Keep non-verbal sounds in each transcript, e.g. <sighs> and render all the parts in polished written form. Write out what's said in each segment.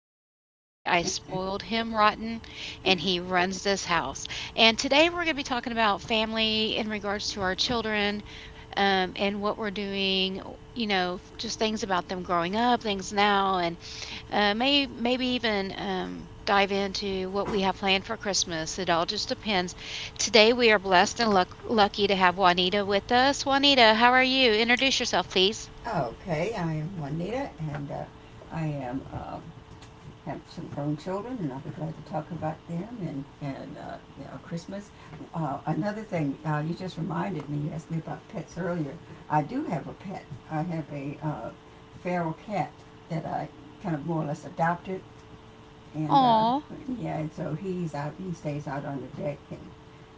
I'm sorry to say, I spoiled him rotten and he runs this house. And today, we're going to be talking about family in regards to our children, and what we're doing, just things about them growing up, things now, and maybe even dive into what we have planned for Christmas. It all just depends. Today, we are blessed and lucky to have Juanita with us. Juanita, how are you? Introduce yourself, please. Okay, I am Juanita, and I am have some grown children, and I'll be glad to talk about them and Christmas. Another thing, you just reminded me. You asked me about pets earlier. I do have a pet. I have a feral cat that I kind of more or less adopted, and Oh, yeah, and so he's out. He stays out on the deck, and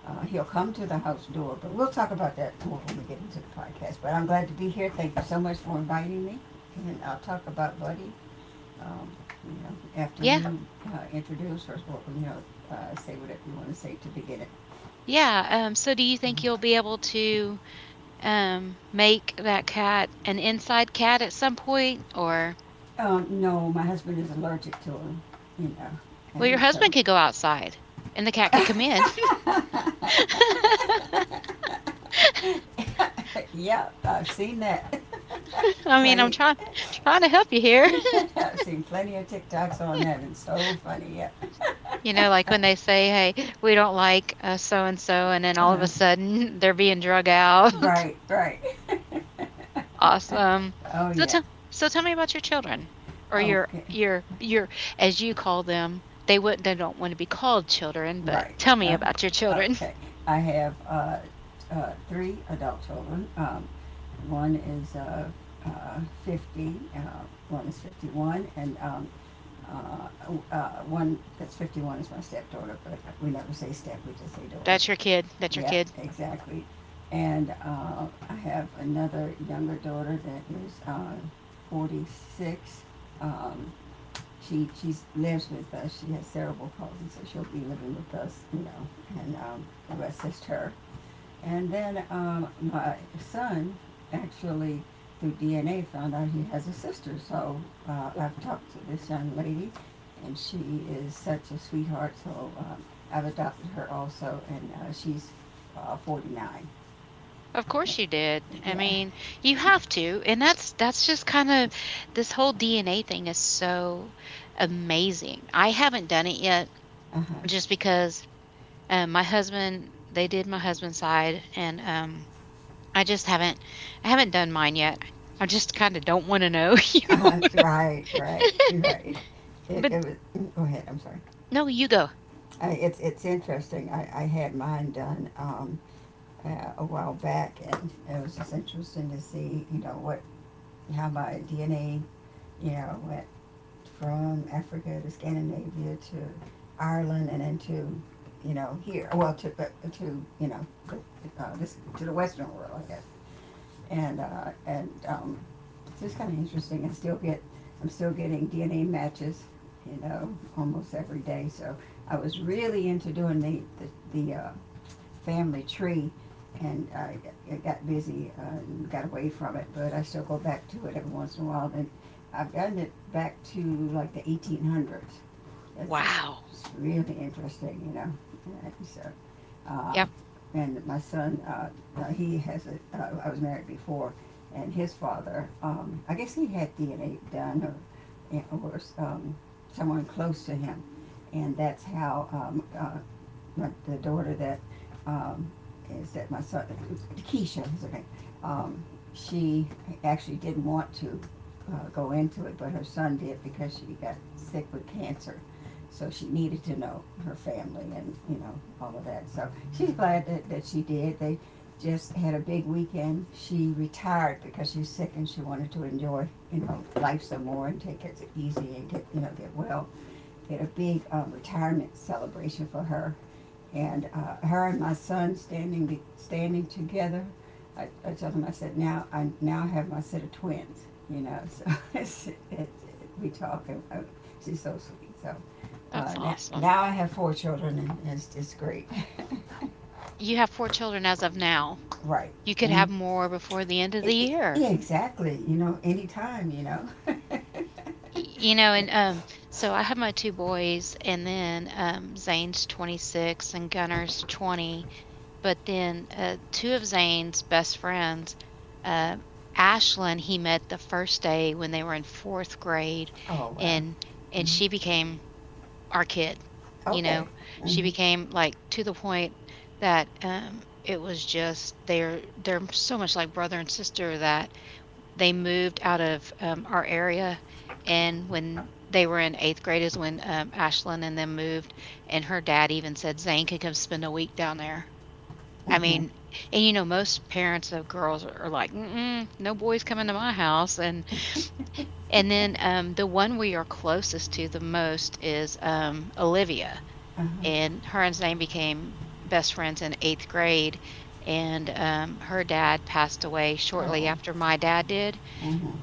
he'll come to the house door. But we'll talk about that more when we get into the podcast. But I'm glad to be here. Thank you so much for inviting me, and I'll talk about Buddy. Um, you know, After yeah. you introduce her, or say whatever you want to say to begin it. Yeah. So, do you think you'll be able to make that cat an inside cat at some point? Or, No, my husband is allergic to him. You know, well, your and so, husband could go outside and the cat could come in. <laughs> yeah, I've seen that <laughs> I mean, I'm plenty. trying trying to help you here. <laughs> <laughs> I've seen plenty of TikToks on that, and so funny. Yeah, You know, like when they say, "Hey, we don't like so and so," and then all of a sudden <laughs> they're being drug out. <laughs> right, right. Awesome. Oh, So yeah. tell so tell me about your children or your Okay. your your as you call them. They wouldn't. They don't want to be called children, but Right. tell me Uh, about your children. okay. I have three adult children. Um, one is 50, one is 51, and uh, one that's 51 is my stepdaughter, but we never say step, we just say <laughs> daughter. That's your kid. That's your Yeah, kid. exactly. And I have another younger daughter that is 46. Um, she lives with us. She has cerebral palsy, so she'll be living with us, you know, and we'll assist her. And then my son actually, through DNA, found out he has a sister. So I've talked to this young lady, and she is such a sweetheart. So I've adopted her also, and she's 49. Of course you did. I Yeah. mean, you have to, and that's just kind of this whole DNA thing is so amazing. I haven't done it yet Uh-huh. just because my husband they did my husband's side, and I just haven't I haven't done mine yet. I just kind of don't want to know, <laughs> you know. Uh-huh. Right, right, right. It But was. Go ahead, I'm sorry. no, you go. I, it's interesting. I had mine done a while back, and it was just interesting to see, you know, what how my DNA, you know, went from Africa to Scandinavia to Ireland and into, you know, here. Well, to but to you know, this to the Western world, I guess. And it's just kind of interesting. I'm still getting DNA matches, you know, almost every day. So I was really into doing the family tree, and it got busy and got away from it. But I still go back to it every once in a while, and I've gotten it back to like the 1800s. That's Wow. really interesting, you know. And so, um, Yep, and my son, he has a. I was married before, and his father, I guess he had DNA done or someone close to him, and that's how the daughter that um, is that my son, Keisha is her name. Um, she actually didn't want to go into it, but her son did because she got sick with cancer. So she needed to know her family and you know all of that. So she's glad that she did. They just had a big weekend. She retired because she's sick and she wanted to enjoy you know life some more and take it easy and get you know get well. They had a big retirement celebration for her, and her and my son standing together. I told him, I said, now I now have my set of twins. You know, so <laughs> we talk, and she's so sweet. So that's awesome. now I have four children, and it's just great. You have four children as of now. <laughs> Right. You could Mm. have more before the end of the year. Yeah, exactly. You know, anytime. You know. <laughs> You know, It, and so I have my two boys, and then Zane's 26 and Gunner's 20. But then two of Zane's best friends, uh, Ashlyn, he met the first day when they were in fourth grade, oh, wow. and Mhm. she became our kid. You Okay. know, she Hmm. became like to the point that it was just they're so much like brother and sister that they moved out of, our area, and when they were in 8th grade is when, Ashlyn and them moved, and her dad even said, "Zane could come spend a week down there." I Hmm. mean and, you know, most parents of girls are like, "Mm-mm, no boys coming to my house," and and then, the one we are closest to the most is, Olivia, Uh-huh. and her and Zane became best friends in 8th grade, and, her dad passed away shortly Oh. after my dad did, Mm-hmm.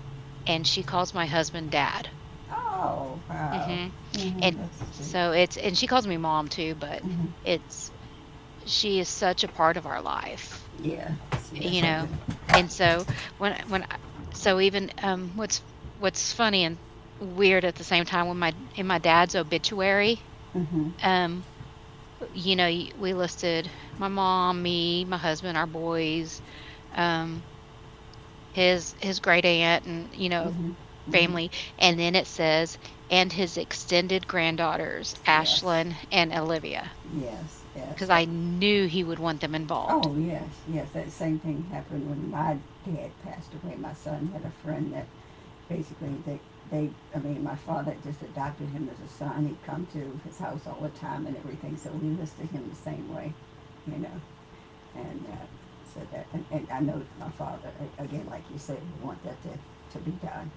and she calls my husband "Dad." Oh, wow. Mhm. Mm-hmm. And That's sweet. so it's and she calls me mom too, but Mm-hmm. it's she is such a part of our life, Yeah. Yes, you I know? can. And so when I so even, what's funny and weird at the same time when my in my dad's obituary, Mm-hmm. um, you know, we listed my mom, me, my husband, our boys, um his great aunt and, you know, Mm-hmm. Mm-hmm. family, and then it says, "and his extended granddaughters, Yes. Ashlyn and Olivia," Yes, yes. because I That, knew he would want them involved. oh, yes, yes. That same thing happened when my dad passed away. My son had a friend that basically they, they, I mean, my father just adopted him as a son. He'd come to his house all the time and everything, so we listed him the same way, you know. And and I know my father, again, like you said, would want to be done.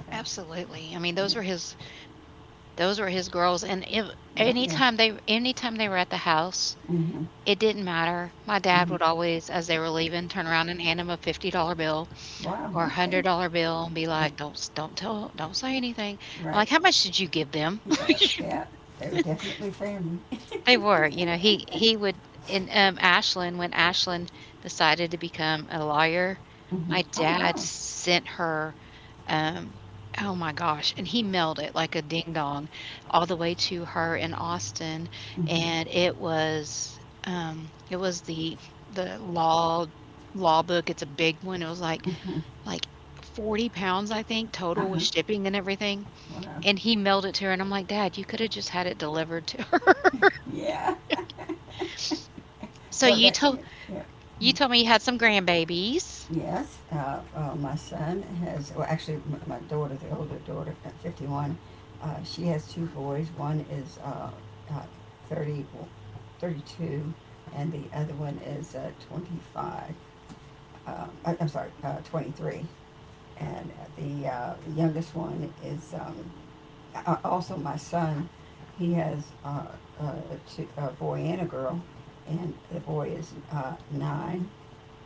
Uh, Absolutely. I mean, those were his girls, and if yeah. Oh, yeah. Anytime they were at the house, Mm-hmm. it didn't matter. My dad would Mm-hmm. always, as they were leaving, turn around and hand him a $50 bill Wow, or a okay. $100 bill and be Yeah, like, " don't tell don't say anything." I'm right. like, "How much did you give them?" Yeah, yeah. They were definitely family. They were, you know, he would in, Ashlyn when Ashlyn decided to become a lawyer, Mm-hmm. my Oh, dad wow. sent her, um oh my gosh, and he mailed it like a ding dong all the way to her in Austin, Mm-hmm. and it was the law book. It's a big one. It was like Mm-hmm. like 40 pounds, I think, total Uh-huh. with shipping and everything, Wow. and he mailed it to her, and I'm like, "Dad, you coulda just had it delivered to her." <laughs> Yeah. So Well, you that, yeah, told. yeah. You told me you had some grandbabies. Yes, my son has, well, actually, my daughter, the older daughter, 51, she has two boys. One is uh, uh, 30, well, 32, and the other one is 25. I'm sorry, 23. And the youngest one is also my son. He has uh, two, a boy and a girl, and the boy is nine,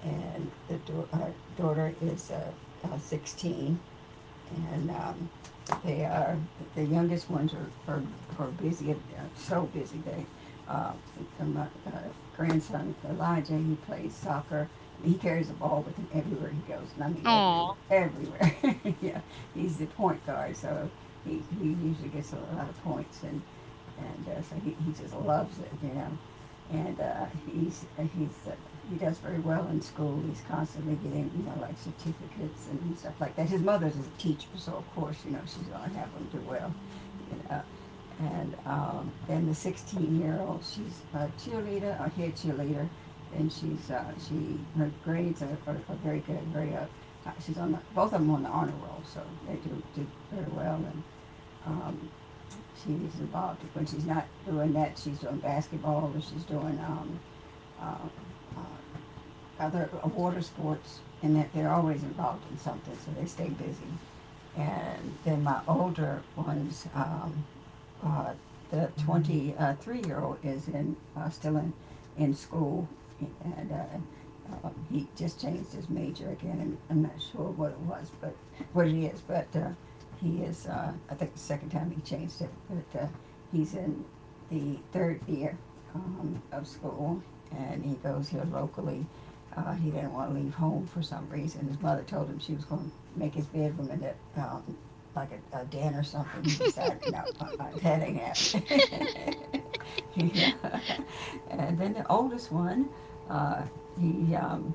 and the our daughter is 16, and they are the youngest ones are busy, so busy. Uh, my grandson Elijah, he plays soccer. He carries the ball with him everywhere he goes, and I mean everywhere, Oh. everywhere. <laughs> Yeah, he's the point guard, so he usually gets a lot of points, and so he just loves it, you know, and he's he does very well in school. He's constantly getting you know like certificates and stuff like that. His mother's a teacher, so of course you know she's gonna have him do well. You know. And then the 16-year-old, she's a cheerleader, a head cheerleader, and she's she her grades are very good, very up. She's on the, both of them on the honor roll, so they do very well. And um, she's involved. When she's not doing that, she's doing basketball, or she's doing uh, uh, other water sports, and that they're always involved in something, so they stay busy. And then my older ones, uh, the 23-year-old is still in school, and he just changed his major again, and I'm not sure what it is, but he is, I think the second time he changed it, but he's in the third year of school, and he goes here locally. He didn't want to leave home for some reason. His mother told him she was going to make his bedroom and that like a den or something, you decide. No, uh-uh, that ain't happening. <laughs> Yeah. And then the oldest one, uh, he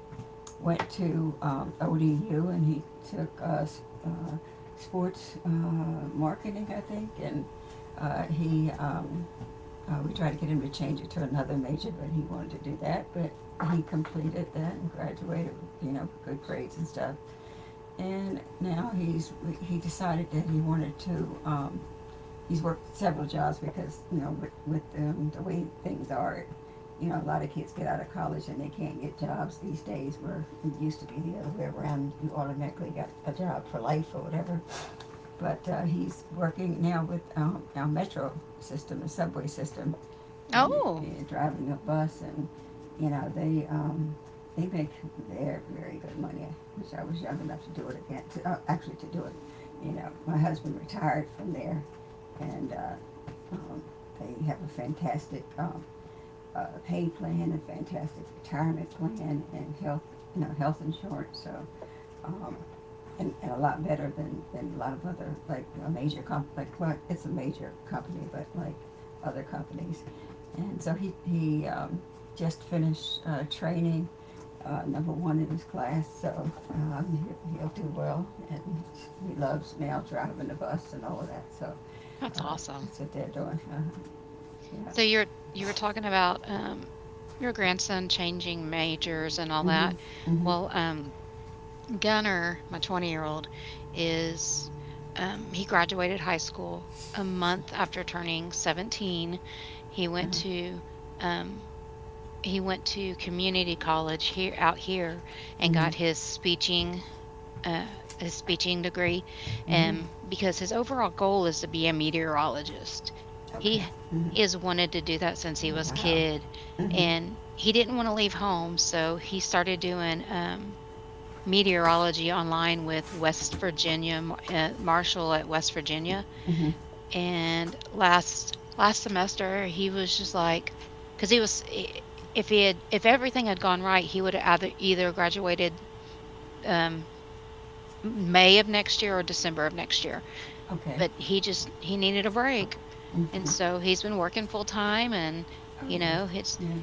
went to ODU, and he took uh, sports marketing, I think, and he we tried to get him to change it to another major, but he wanted to do that. But he completed that and graduated, you know, good grades and stuff, and now he's he decided that he wanted to. He's worked several jobs because you know with the way things are, you know, a lot of kids get out of college and they can't get jobs these days. Where it used to be the other way around, you automatically got a job for life or whatever. But he's working now with our metro system, the subway system, and Oh, driving a bus, and you know they make very, very good money. Which I was young enough to do it again, to actually to do it. You know, my husband retired from there, and um, they have a fantastic pay plan, a fantastic retirement plan, and health, you know, health insurance. So um, and a lot better than a lot of other, like a major comp, like, well, it's a major company, but like other companies. And so he just finished training, number one in his class, so he'll do well. And he loves now driving the bus and all of that, so that's uh, awesome. that's what they're doing. Yeah. So you're you were talking about, your grandson changing majors and all Hmm. that. Hmm. Well, Gunner, my 20-year-old, is, he graduated high school a month after turning 17. He went Uh-huh. to, um he went to community college here out here and Hmm. got uh, his speeching degree, Hmm. Because his overall goal is to be a meteorologist. He Okay. Hmm. he has wanted to do that since he Oh, was a wow. kid, Hmm. and he didn't want to leave home, so he started doing meteorology online with West Virginia Marshall at West Virginia. Hmm. And last semester, he was just like, because he was if everything had gone right, he would have either graduated um, May of next year or December of next year, Okay. but he needed a break, and Hmm. so he's been working full time and, Oh you know, it's yeah, yeah.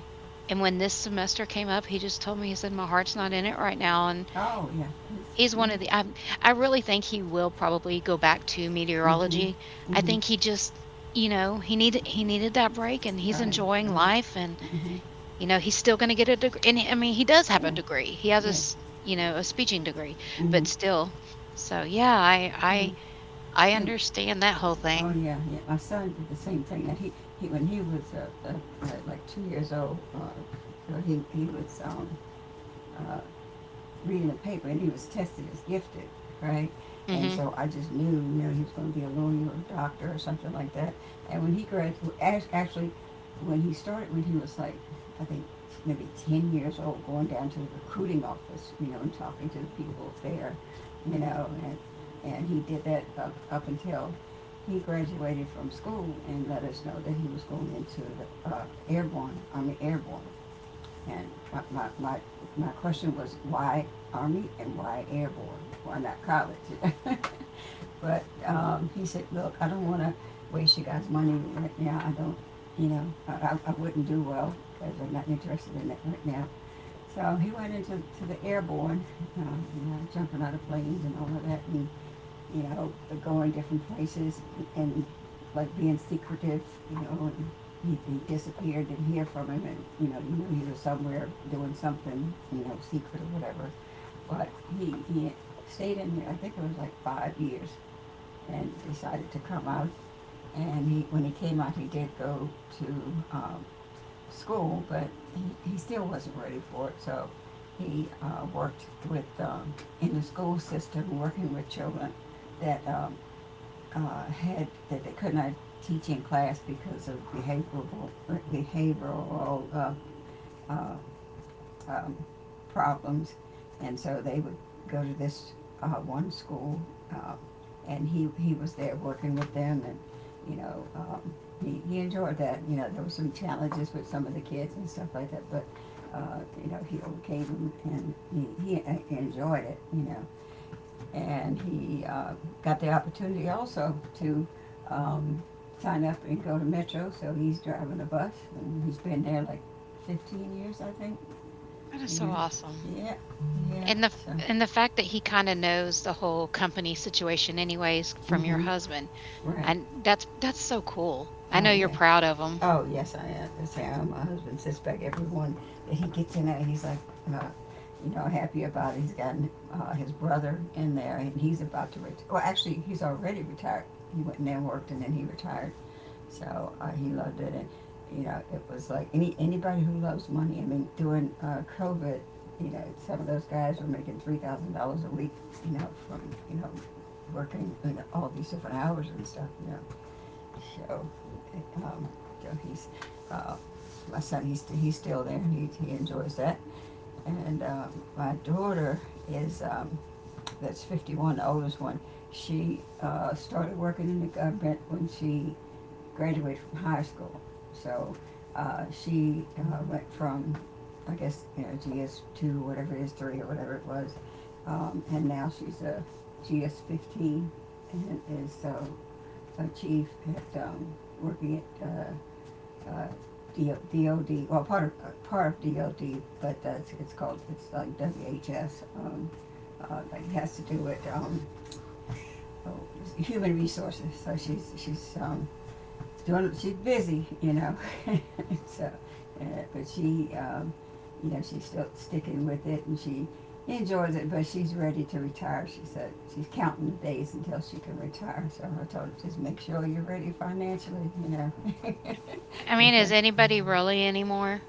and when this semester came up, he just told me, he said, "My heart's not in it right now," and Oh yeah. he's one Mm of the I really think he will probably go back to hmm. Mm, mhm. meteorology. Mm I mhm. think he just you know, he needed that break, and he's Right, enjoying right. life, and, Mm mhm. you know, he's still gonna get a degree and, I mean, he does have a Yeah, degree. He has a yeah. s you know, a speaking degree, Mm but mhm. still. So, yeah, Yeah. I You. understand that whole Oh thing. yeah, yeah. My son did the same thing. Now, he when he was like 2 years old, he was uh, reading the paper, and he was tested as gifted, right? And Mhm. so I just knew, you know, he was going to be a lawyer or a doctor or something like that. And when he graduated, actually, when he started, when he was like, I think maybe 10 years old, going down to the recruiting office, you know, and talking to the people there, you know, and he did that up until he graduated from school and let us know that he was going into the airborne, I mean, airborne. And my, my, my, my question was why Army and why Airborne? Why not college? <laughs> but he said, look, I don't want to waste you guys' money right now. I don't, you know, I wouldn't do well because I'm not interested in it right now. So he went into to the airborne, you know, jumping out of planes and all of that. And you know, going different places and like being secretive, you know, and he disappeared, didn't hear from him, and you know, you knew he was somewhere doing something, you know, secret or whatever. But he stayed in here, I think it was like 5 years, and decided to come out. And he, when he came out, he did go to um, school, but he still wasn't ready for it, so he worked with in the school system, working with children that had that they could not teach in class because of behavioral uh, um, problems, and so they would go to this one school, uh, and he was there working with them, and you know he enjoyed that. You know there were some challenges with some of the kids and stuff like that, but you know he overcame them and he enjoyed it. You know and he got the opportunity also to um, sign up and go to Metro, so he's driving a bus, and he's been there like 15 years, I think. That is so Yeah, awesome. yeah, yeah. So, And the fact that he kinda knows the whole company situation anyways from your mm-hmm, husband, right. and that's so cool. I know Oh you're yeah. proud of him. Oh yes, I am. I say, oh, my husband suspect everyone that he gets in there. He's like, uh, you know, happy about it. He's gotten his brother in there, and he's about to retire. Well, actually, he's already retired. He went in there and worked, and then he retired. So he loved it, and you know, it was like anybody who loves money. I mean, during COVID, you know, some of those guys were making $3,000 a week, you know, from you know working you know, all these different hours and stuff, you know. So, um, so he's uh, my son. He's still there, and he enjoys that. And my daughter is that's 51, the oldest one. She started working in the government when she graduated from high school. So she went from, I guess, you know, GS two, whatever it is, three or whatever it was, and now she's a GS 15 and is so a chief at, working at, uh, uh, DOD, well, part of DOD, but that's, it's called, it's like WHS, like it has to do with, oh, human resources, so she's doing, she's busy, you know, so, uh, but she you know, she's still sticking with it, and she enjoys it. But she's ready to retire. She said she's counting the days until she can retire. So I told her just make sure you're ready financially. You know, I mean, is <laughs> anybody really anymore?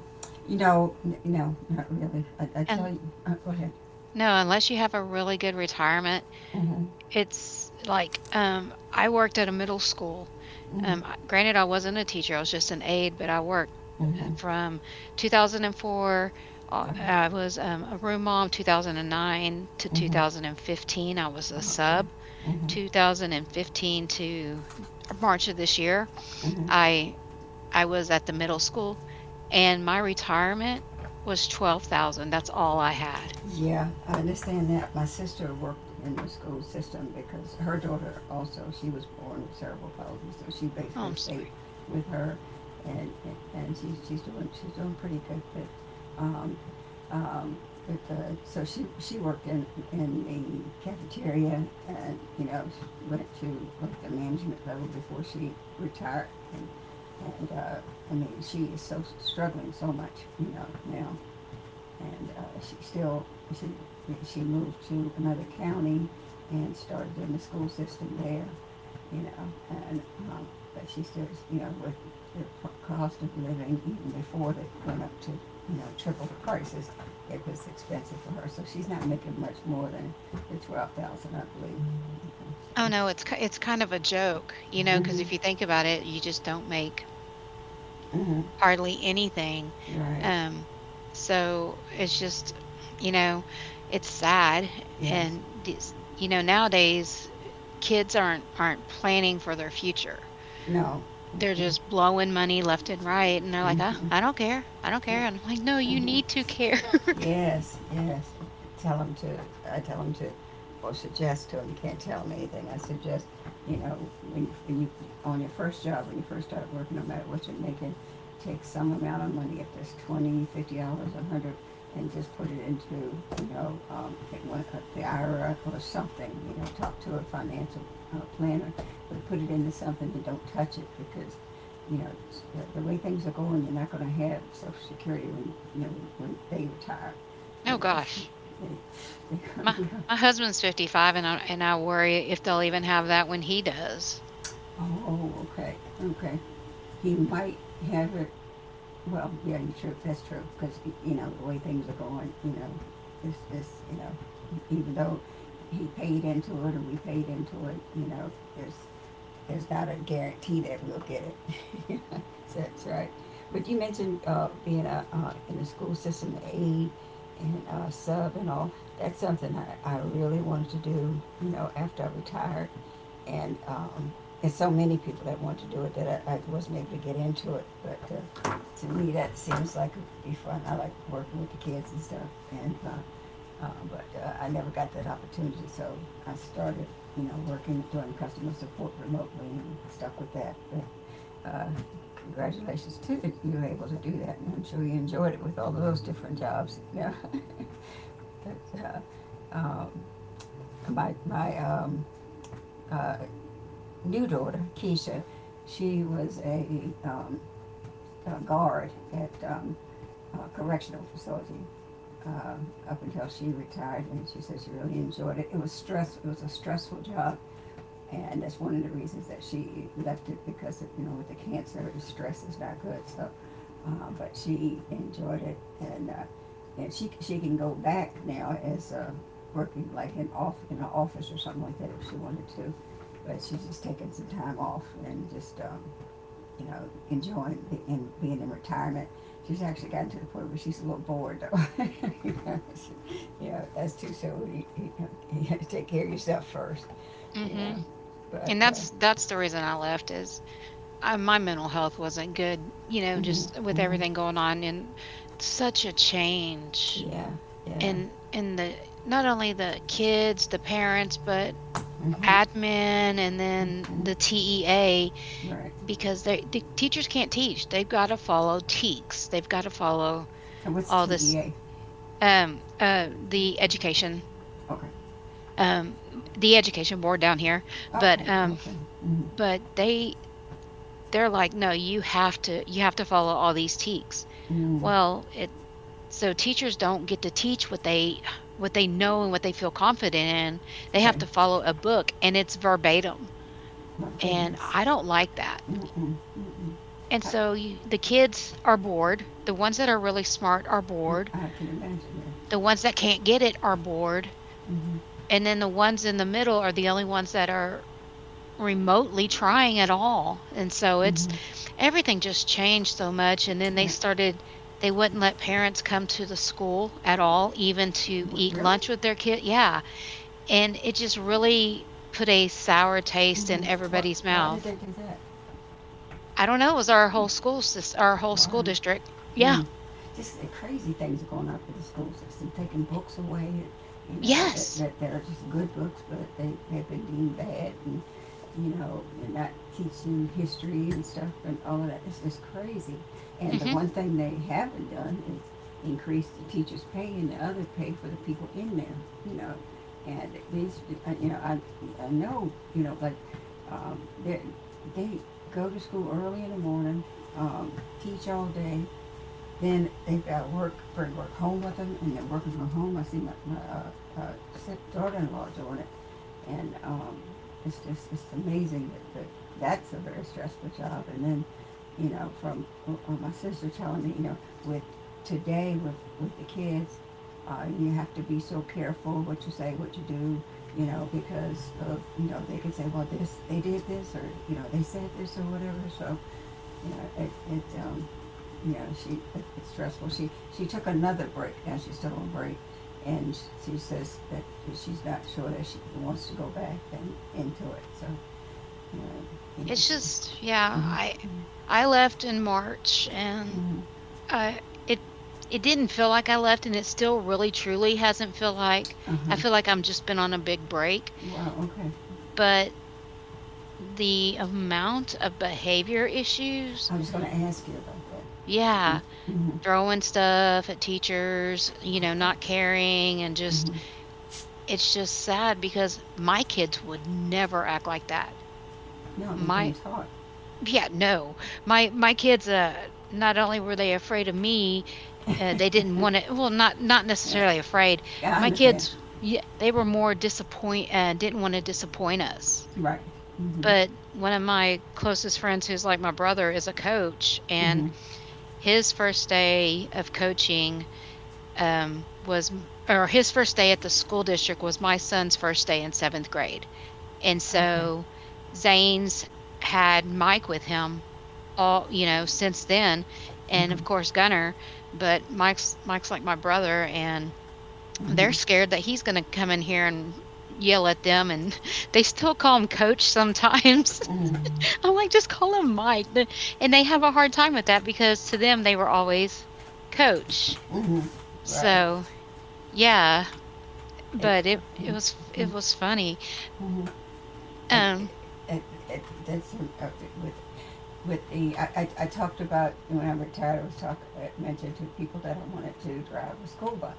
you know, no, not really. I tell And you. Go ahead. no, unless you have a really good retirement, Mm-hmm. it's like, I worked at a middle school. Mm-hmm. I granted, I wasn't a teacher, I was just an aide, but I worked. Mm-hmm. From 2004, All right. I was a room mom. 2009 to Mm-hmm. 2015, I was a Okay. sub. Mm-hmm. 2015 to March of this year, Mm-hmm. I I was at the middle school, and my retirement was 12,000. That's all I had. Yeah, I understand that. My sister worked in the school system because her daughter also, she was born with cerebral palsy, so she Oh, basically I'm stayed sorry. with her, and and she's doing pretty good, um, but so she worked in the cafeteria, and you know she went to like the management level before she retired, and and uh, I mean she is so struggling so much, you know now and she still she she moved to another county and started in the school system there, you know, and um, but she still you know with the cost of living even before they went up to you know triple the prices, it was expensive for her, so she's not making much more than the 12,000, I believe. You Oh know, no, it's kind of a joke, you so. know, because Mhm. if you think about it, you just don't make Mhm. hardly anything. Right. Um, so it's just, you know, it's sad. Yes. And this, you know, nowadays kids aren't planning for their future. No. They're Mm-mm. just blowing money left and right, and they're like, Mhm. "Oh, I don't care, I don't Yeah. care." And I'm like, "No, you Mhm. need to care." <laughs> Yes, yes. Tell him to, I tell him to, or suggest to him, you can't tell him anything. I suggest, you know, when you, when you, on your first job, when you first start working, no matter what you're making, take some amount of money, if there's 20, $50, a hundred, and just put it into, you know, the IRA or something, you know, talk to a financial planner, but put it into something and don't touch it because you know, the way things are going, you're not going to have Social Security when you know when they retire. You Oh know, so gosh, they, they, my my husband's 55, and I worry if they'll even have that when he does. oh, oh, okay, okay. He might have it. Well, yeah, you true. That's true because you know the way things are going. You know, it's you know, even though he paid into it and we paid into it, you know, it's there's not a guarantee that we'll get it. <laughs> So that's right. But you mentioned being a, in the school system, aid and sub and all. That's something I really wanted to do, you know, after I retired. And um, and so many people that want to do it that I wasn't able to get into it. But to me, that seems like it would be fun. I like working with the kids and stuff. And but I never got that opportunity, so I started, you know, working doing customer support remotely and stuck with that. But, uh, congratulations too that you were able to do that, and I'm sure you enjoyed it with all of those different jobs. Yeah. <laughs> but, um, my my uh, new daughter Keisha, she was a guard at correctional facility uh, up until she retired, and she said she really enjoyed it. It was stress. It was a stressful job, and that's one of the reasons that she left it because it, you know with the cancer, stress is not good. So, but she enjoyed it, and she can go back now as working like in an office or something like that if she wanted to, but she's just taking some time off and just you know, enjoying being in retirement. She's actually gotten to the point where she's a little bored, though. <laughs> You, know, you know, that's too soon. You have to take care of yourself first, you Hmm. know. But, And that's the reason I left is my mental health wasn't good, you know, hmm just with hmm everything going on and such a change yeah, yeah. in the not only the kids, the parents, but hmm admin and then the hmm TEA Right. because the teachers can't teach. They've got to follow TEKS. They've got to follow And what's all this TEA? um uh the education Okay. um the education board down here. But Okay, um okay. Mm, but they they're like, no, you have to follow all these TEKS. mm, Well, so teachers don't get to teach what they know and what they feel confident in. They have right. to follow a book and it's verbatim. My And goodness. I don't like that. Mm-mm, mm-mm. And I, so you, the kids are bored. The ones that are really smart are bored. I can imagine that. The ones that can't get it are bored. Mm-hmm, And then the ones in the middle are the only ones that are remotely trying at all. And so it's mm-hmm. everything just changed so much. And then they Yeah. started, they wouldn't let parents come to the school at all, even to W- eat really? lunch with their kid. Yeah. And it just really put a sour taste in Mm-hmm. What? everybody's Why did mouth. they do that? I don't know, it was our Hmm. whole school sys our whole school Wow. district. Yeah. Mm. Just the crazy things are going on with the school system, taking books away. You know that Yes. They're just good books, but they've been deemed bad, and you know, and not teaching history and stuff and all of that. It's just crazy. And the Mhm. one thing they haven't done is increase the teachers' pay and the other pay for the people in there. You know, and these, you know, I know, you know, like um, they they go to school early in the morning, um, teach all day, then they've got work, bring work home with them, and they're working from home. I see my sick daughter-in-law doing it, and it's just it's amazing that that's a very stressful job. And then, you know, from my sister telling me, you know, with today with the kids, you have to be so careful what you say, what you do, you know, because of, you know they can say, well, this they did this, or you know they said this, or whatever. So you know, it you know, she it's stressful. She took another break. Now she's still on break, and that and so you know, you know It's she. just yeah, Mm-hmm, I left in March and mm-hmm, I it didn't feel like I left and it still really truly hasn't feel like uh huh. I feel like I'm just been on a big break, Wow. Okay. but the amount of behavior issues, I was going to ask you about that. yeah, Mm-hmm. throwing stuff at teachers, you know, not Oh. caring and just Mm-hmm. it's just sad because my kids would never act like that. No, they've been My taught. yeah, no. My kids, not only were they afraid of me, they didn't want to well, not not Yeah, necessarily afraid. yeah I My understand. kids, yeah, they were more disappoint didn't want to disappoint us. Right. Mm-hmm. But one of my closest friends who's like my brother is a coach, and Mm-hmm. his first day of coaching was or his first day at the school district was my son's first day in seventh grade. And Okay. so Zane's had Mike with him all, you know, since then. And of Mm-hmm. course Gunner, but Mike's like my brother, and they're Mm-hmm. scared that he's going to come in here and yell at them, and <laughs> they still call him coach sometimes. Mm-hmm. <laughs> I'm like, just call him Mike. And they have a hard time with that because to them they were always coach. Hmm. Right. So, yeah, It. but it it was it Mm-hmm. was funny. Mm-hmm. And Um it, it, that's with I talked about, when I retired, I mentioned to people that I wanted to drive a school bus.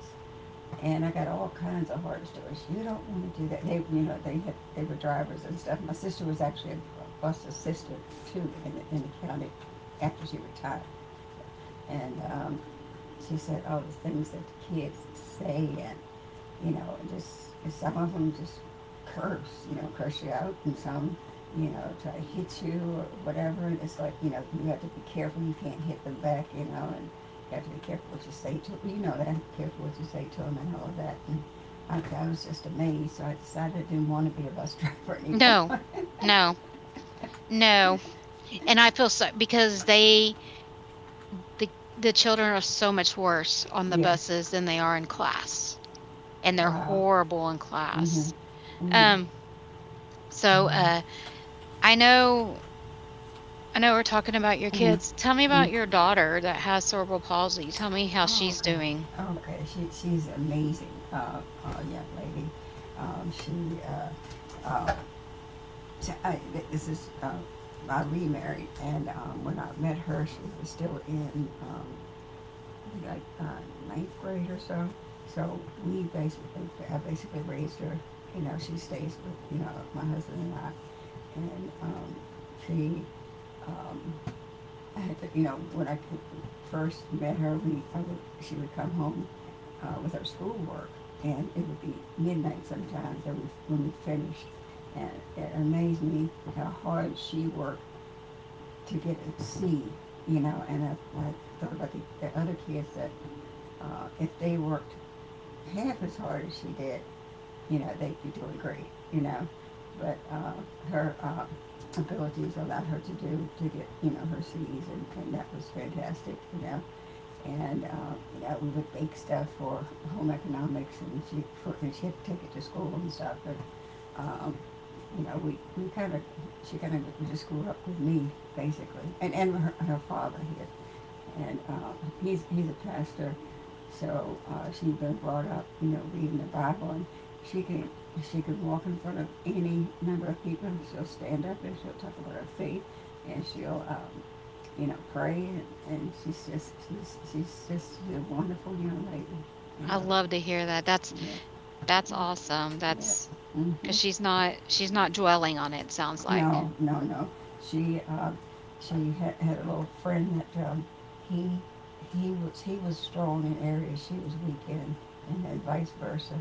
And I got all kinds of horror stories. You don't want to do that. They, you know, they were drivers and stuff. My sister was actually a bus assistant too in in the county after she retired. And, um, she said, all the things that the kids say and just some of them just curse, curse you out, and some try to hit you or whatever. And it's like, you know, you have to be careful. You can't hit them back, you know, and you have to be careful what you say to them. Careful what you say to them and all of that. And I was just amazed. So I decided I didn't want to be a bus driver anymore. no. <laughs> No. No. And I feel so because they the the children are so much worse on the Yeah. buses than they are in class, and they're Wow. horrible in Mhm. class. Mhm. Um, so, uh, I know I know we're talking about your Mhm. kids. Tell me about Mhm. your daughter that has cerebral palsy. Tell me how Oh, she's doing. okay. Okay. She's amazing, young lady. She, uh, uh, t- I, th- This is, I remarried, and when I met her, she was still in like uh, ninth grade or so. So we basically, I basically raised her. You know, she stays with my husband and I, and she um, I had to, you know, when I first met her, I would, she would come home with her schoolwork, and it would be midnight sometimes that when we finished. And it amazed me how hard she worked to get a C, you know, and I thought about the other kids that if they worked half as hard as she did, you know, they'd be doing great, you know. But her abilities allowed her to do to get her C's, and that was fantastic, you know. And you know, we would bake stuff for home economics, and she had to take it to school and stuff. But um, you know, we kind of she kind of just grew up with me basically, and her father here, and he's a pastor, so she's been brought up, you know, reading the Bible, and she can she can walk in front of any number of people, and she'll stand up and she'll talk about her faith, and she'll you know, pray, and she's just a wonderful young lady, you I know. love to hear that. Yeah, That's awesome. yeah. That's because Mm-hmm. she's not, she's not dwelling on it, sounds like. No, no, no. She uh, she had a little friend that he he was strong in areas she was weak in, and then vice versa.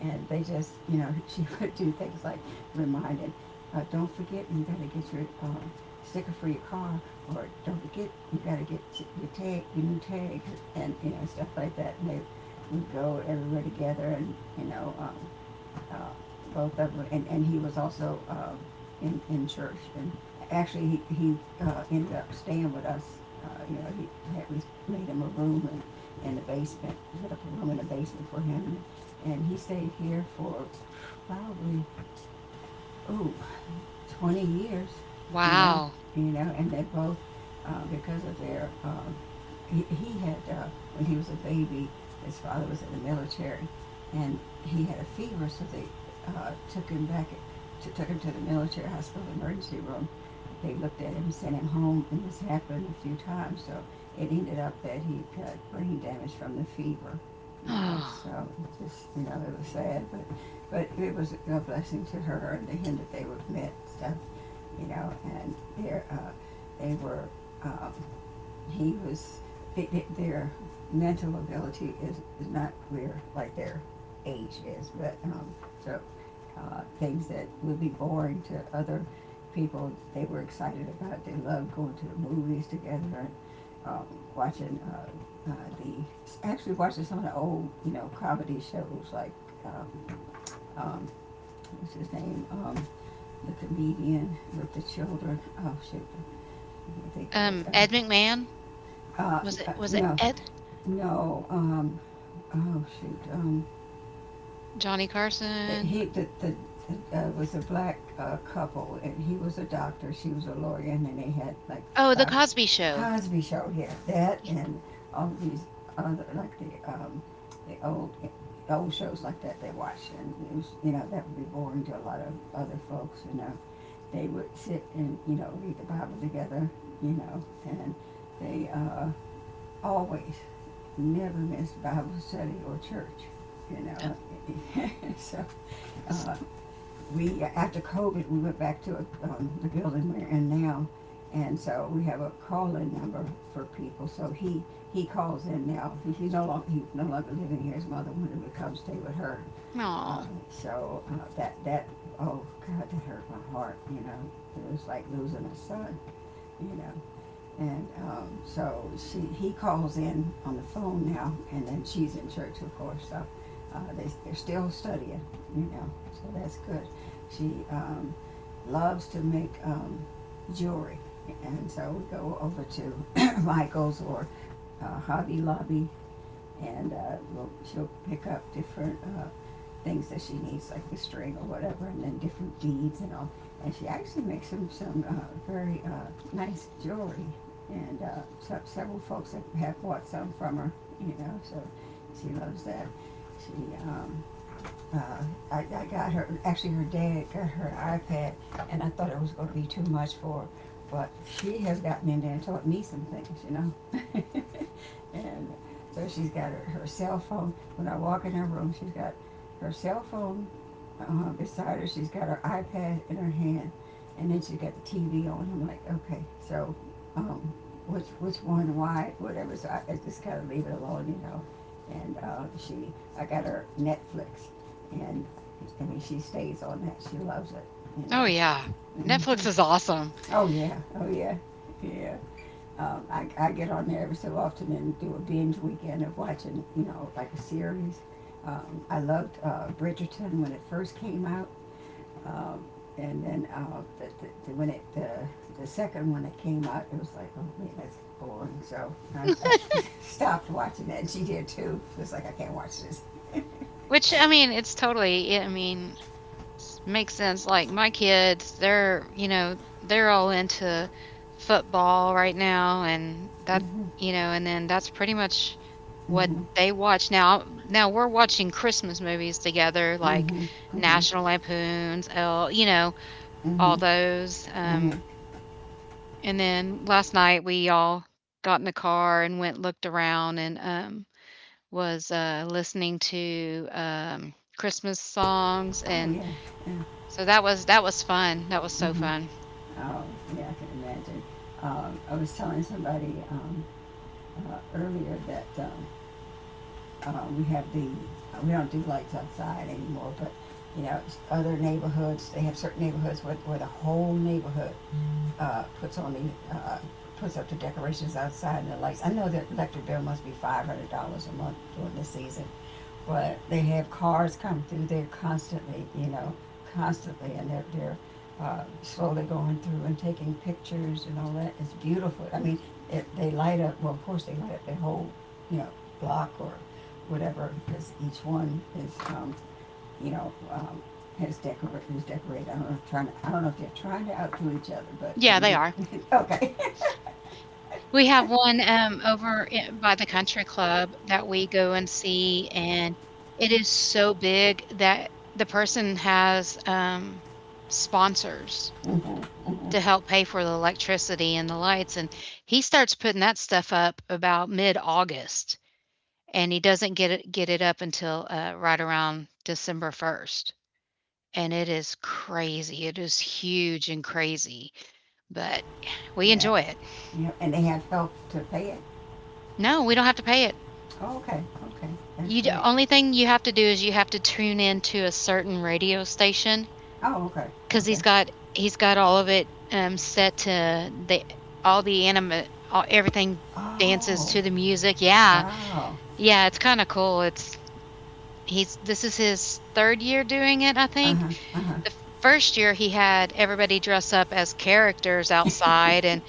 And they just you know <laughs> she would do things like remind him, don't forget you got to get your sticker for your car, or don't forget you got to get your new tag, <laughs> and you know stuff like that. And they would go everywhere together, and you know. Uh, Both of them, and he was also in church. And actually, he ended up staying with us. You know, we made him a room in the basement, set up a room in the basement for him. And he stayed here for probably, ooh, 20 years, you know, Wow. <sighs> you know, and they both, because of their, he had, when he was a baby, his father was in the military, and he had a fever, so they took him back, took him to the military hospital emergency room. They looked at him, sent him home, and this happened a few times, so it ended up that he got brain damage from the fever, you know, Oh, so it just, you know, it was sad, but it was a blessing to her and to him that they would met stuff, you know. And their they were um, he was their mental ability is not where like their age is, but so things that would be boring to other people they were excited about. They loved going to the movies together and um, watching the actually watching some of the old you know comedy shows like um, um, what's his name? The comedian with the children. Oh shoot, I can't think of it. Ed McMahon? Was it, was it No, Ed? no. Oh shoot. Johnny Carson? He the was a black couple, and he was a doctor, she was a lawyer, and then they had like Oh, The five, Cosby Show. Cosby Show here, that, Yeah, and all these other like the the old old shows like that they watched, and it was you know that would be boring to a lot of other folks, you know. They would sit and you know read the Bible together, you know, and they always never missed Bible study or church, you know. <laughs> So 'cause uh, we after COVID we went back to the building we're in now, and so we have a call-in number for people. So he calls in now. He's no longer living here. His mother wanted to come stay with her, uh, oh. so that, oh god, that hurt my heart, you know, it was like losing a son, you know. And so she he calls in on the phone now, and then she's in church of course, so they're still studying, you know, so that's good. She loves to make jewelry, and so we go over to <clears throat> <coughs> Michael's or Hobby Lobby, and she'll pick up different things that she needs, like the string or whatever, and then different beads and all. And she actually makes some very nice jewelry, and so, several folks have bought some from her. You know, so she loves that. She um, uh, I got her, actually her dad got her an iPad, and I thought it was going to be too much for her, but she has gotten in there and taught me some things, you know. <laughs> And so she's got her cell phone. When I walk in her room, she's got her cell phone beside her. She's got her iPad in her hand, and then she's got the TV on. I'm like, okay, so um, which one, why, whatever. So I just kind of leave it alone, you know. And I got her Netflix, and I mean she stays on that. She loves it, you Oh, know. yeah. Hmm. Netflix is awesome, Oh yeah, oh yeah, yeah. I get on there every so often and do a binge weekend of watching, you know, like a series. I loved Bridgerton when it first came out, um, and then the, when it the second one that came out, it was like, oh man, that's boring. So I <laughs> stopped watching that, and she did too. It was like I can't watch this. which, I mean, it's totally, yeah, I mean, s makes sense, like, my kids, they're, you know, they're all into football right now, and that, Hmm. you know, and then that's pretty much what Hmm. they watch now. Now we're watching Christmas movies together, like National Lampoons, El, you know, all Hmm. those, Hmm. And then last night we all got in the car and went looked around and, was, listening to, Christmas songs, Oh and yeah, yeah. so that was fun. That was so Hmm. fun. Oh yeah, I can imagine. I was telling somebody earlier that we have the we don't do lights outside anymore, but you know, other neighborhoods they have certain neighborhoods where the whole neighborhood uh, puts on the uh, puts up the decorations outside and the lights. I know that electric bill must be $500 a month during the season, but they have cars come through there constantly. You know, constantly, and they're slowly going through and taking pictures and all that. It's beautiful. I mean, it, they light up. Well, of course, they light up the whole you know block or whatever because each one is you know, um, has decor is decorated. I don't know if trying to, I don't know if they're trying to outdo each other, but they Yeah, they may. are. <laughs> Okay. We have one, over I by the country club that we go and see, and it is so big that the person has, sponsors <laughs> to help pay for the electricity and the lights, and he starts putting that stuff up about mid-August, and he doesn't get it up until, right around December 1st, and it is crazy, it is huge and crazy, but we Yeah. enjoy it. Yeah. And they have help to pay it. No, we don't have to pay it. Oh, okay. Okay. That's You d great. only thing you have to do is you have to tune in to a certain radio station Oh, okay. because 'cause Okay. he's got, he's got all of it, set to the all the anima all everything dances Oh, to the music. Yeah, wow. yeah, it's kinda cool. It's he's this is his 3rd year doing it, I think. The first year, he had everybody dress up as characters outside and,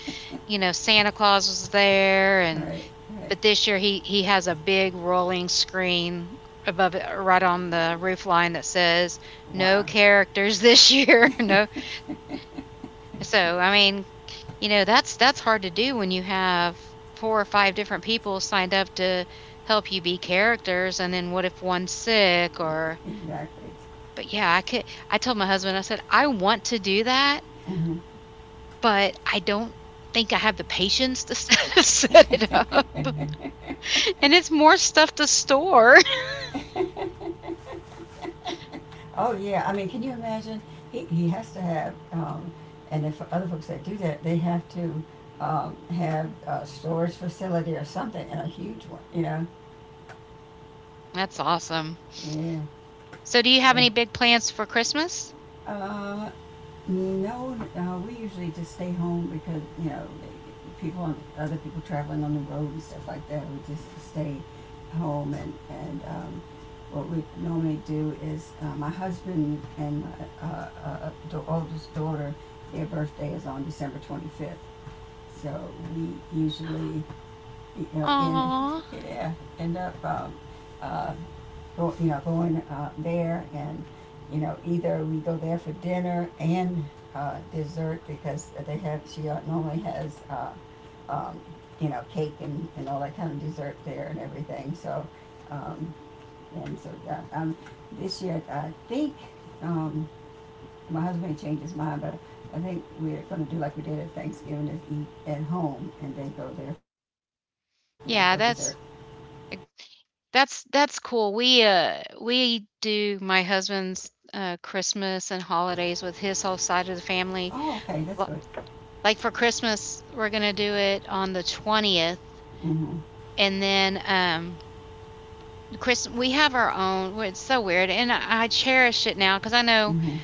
you know, Santa Claus was there. And Right. Right. but this year, he has a big rolling screen above it right on the roof line that says, "No Wow. characters this year." <laughs> No, so, I mean, you know, that's hard to do when you have 4 or 5 different people signed up to help you be characters, and then what if one's sick? Or Exactly. but, yeah, I could I told my husband, I said, "I want to do that, Hmm. but I don't think I have the patience to <laughs> set set it up, and it's more stuff to store." <laughs> Oh yeah. I mean, can you imagine? He has to have. And if other folks that do that, they have to have a storage facility or something, and a huge one, you know. That's awesome. Yeah, So do you have sure. any big plans for Christmas? Uh, no, we usually just stay home because you know other people traveling on the road and stuff like that. We just stay home, and what we normally do is my husband and my oldest daughter, their birthday is on December 25th, so we usually you know, in, Aw. yeah, end up, uh, you know, going, there and, you know, either we go there for dinner and, dessert because they have, she normally has, um, you know, cake and all that kind of dessert there and everything, so, um, and so, uh, um, this year, I think, um, my husband may change his mind, but I think we're gonna do like we did at Thanksgiving, is eat at home and then go there, you know, Yeah, for that's dessert. That's that's cool. We do my husband's, Christmas and holidays with his whole side of the family. Oh, okay, that's Li good. like, for Christmas, we're gonna do it on the 20th, Mm-hmm. and then, Chris we have our own, well, it's so weird, and I cherish it now because I know Mm-hmm.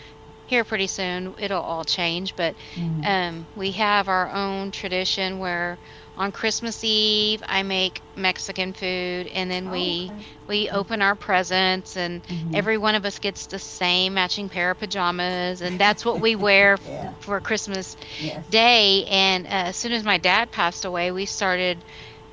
here pretty soon it'll all change, but Mm-hmm. um, we have our own tradition where on Christmas Eve I make Mexican food, and then Oh, okay. we open our presents, and Mm-hmm. every one of us gets the same matching pair of pajamas, and that's what we wear f- Yeah. for Christmas Yes. day. And as soon as my dad passed away, we started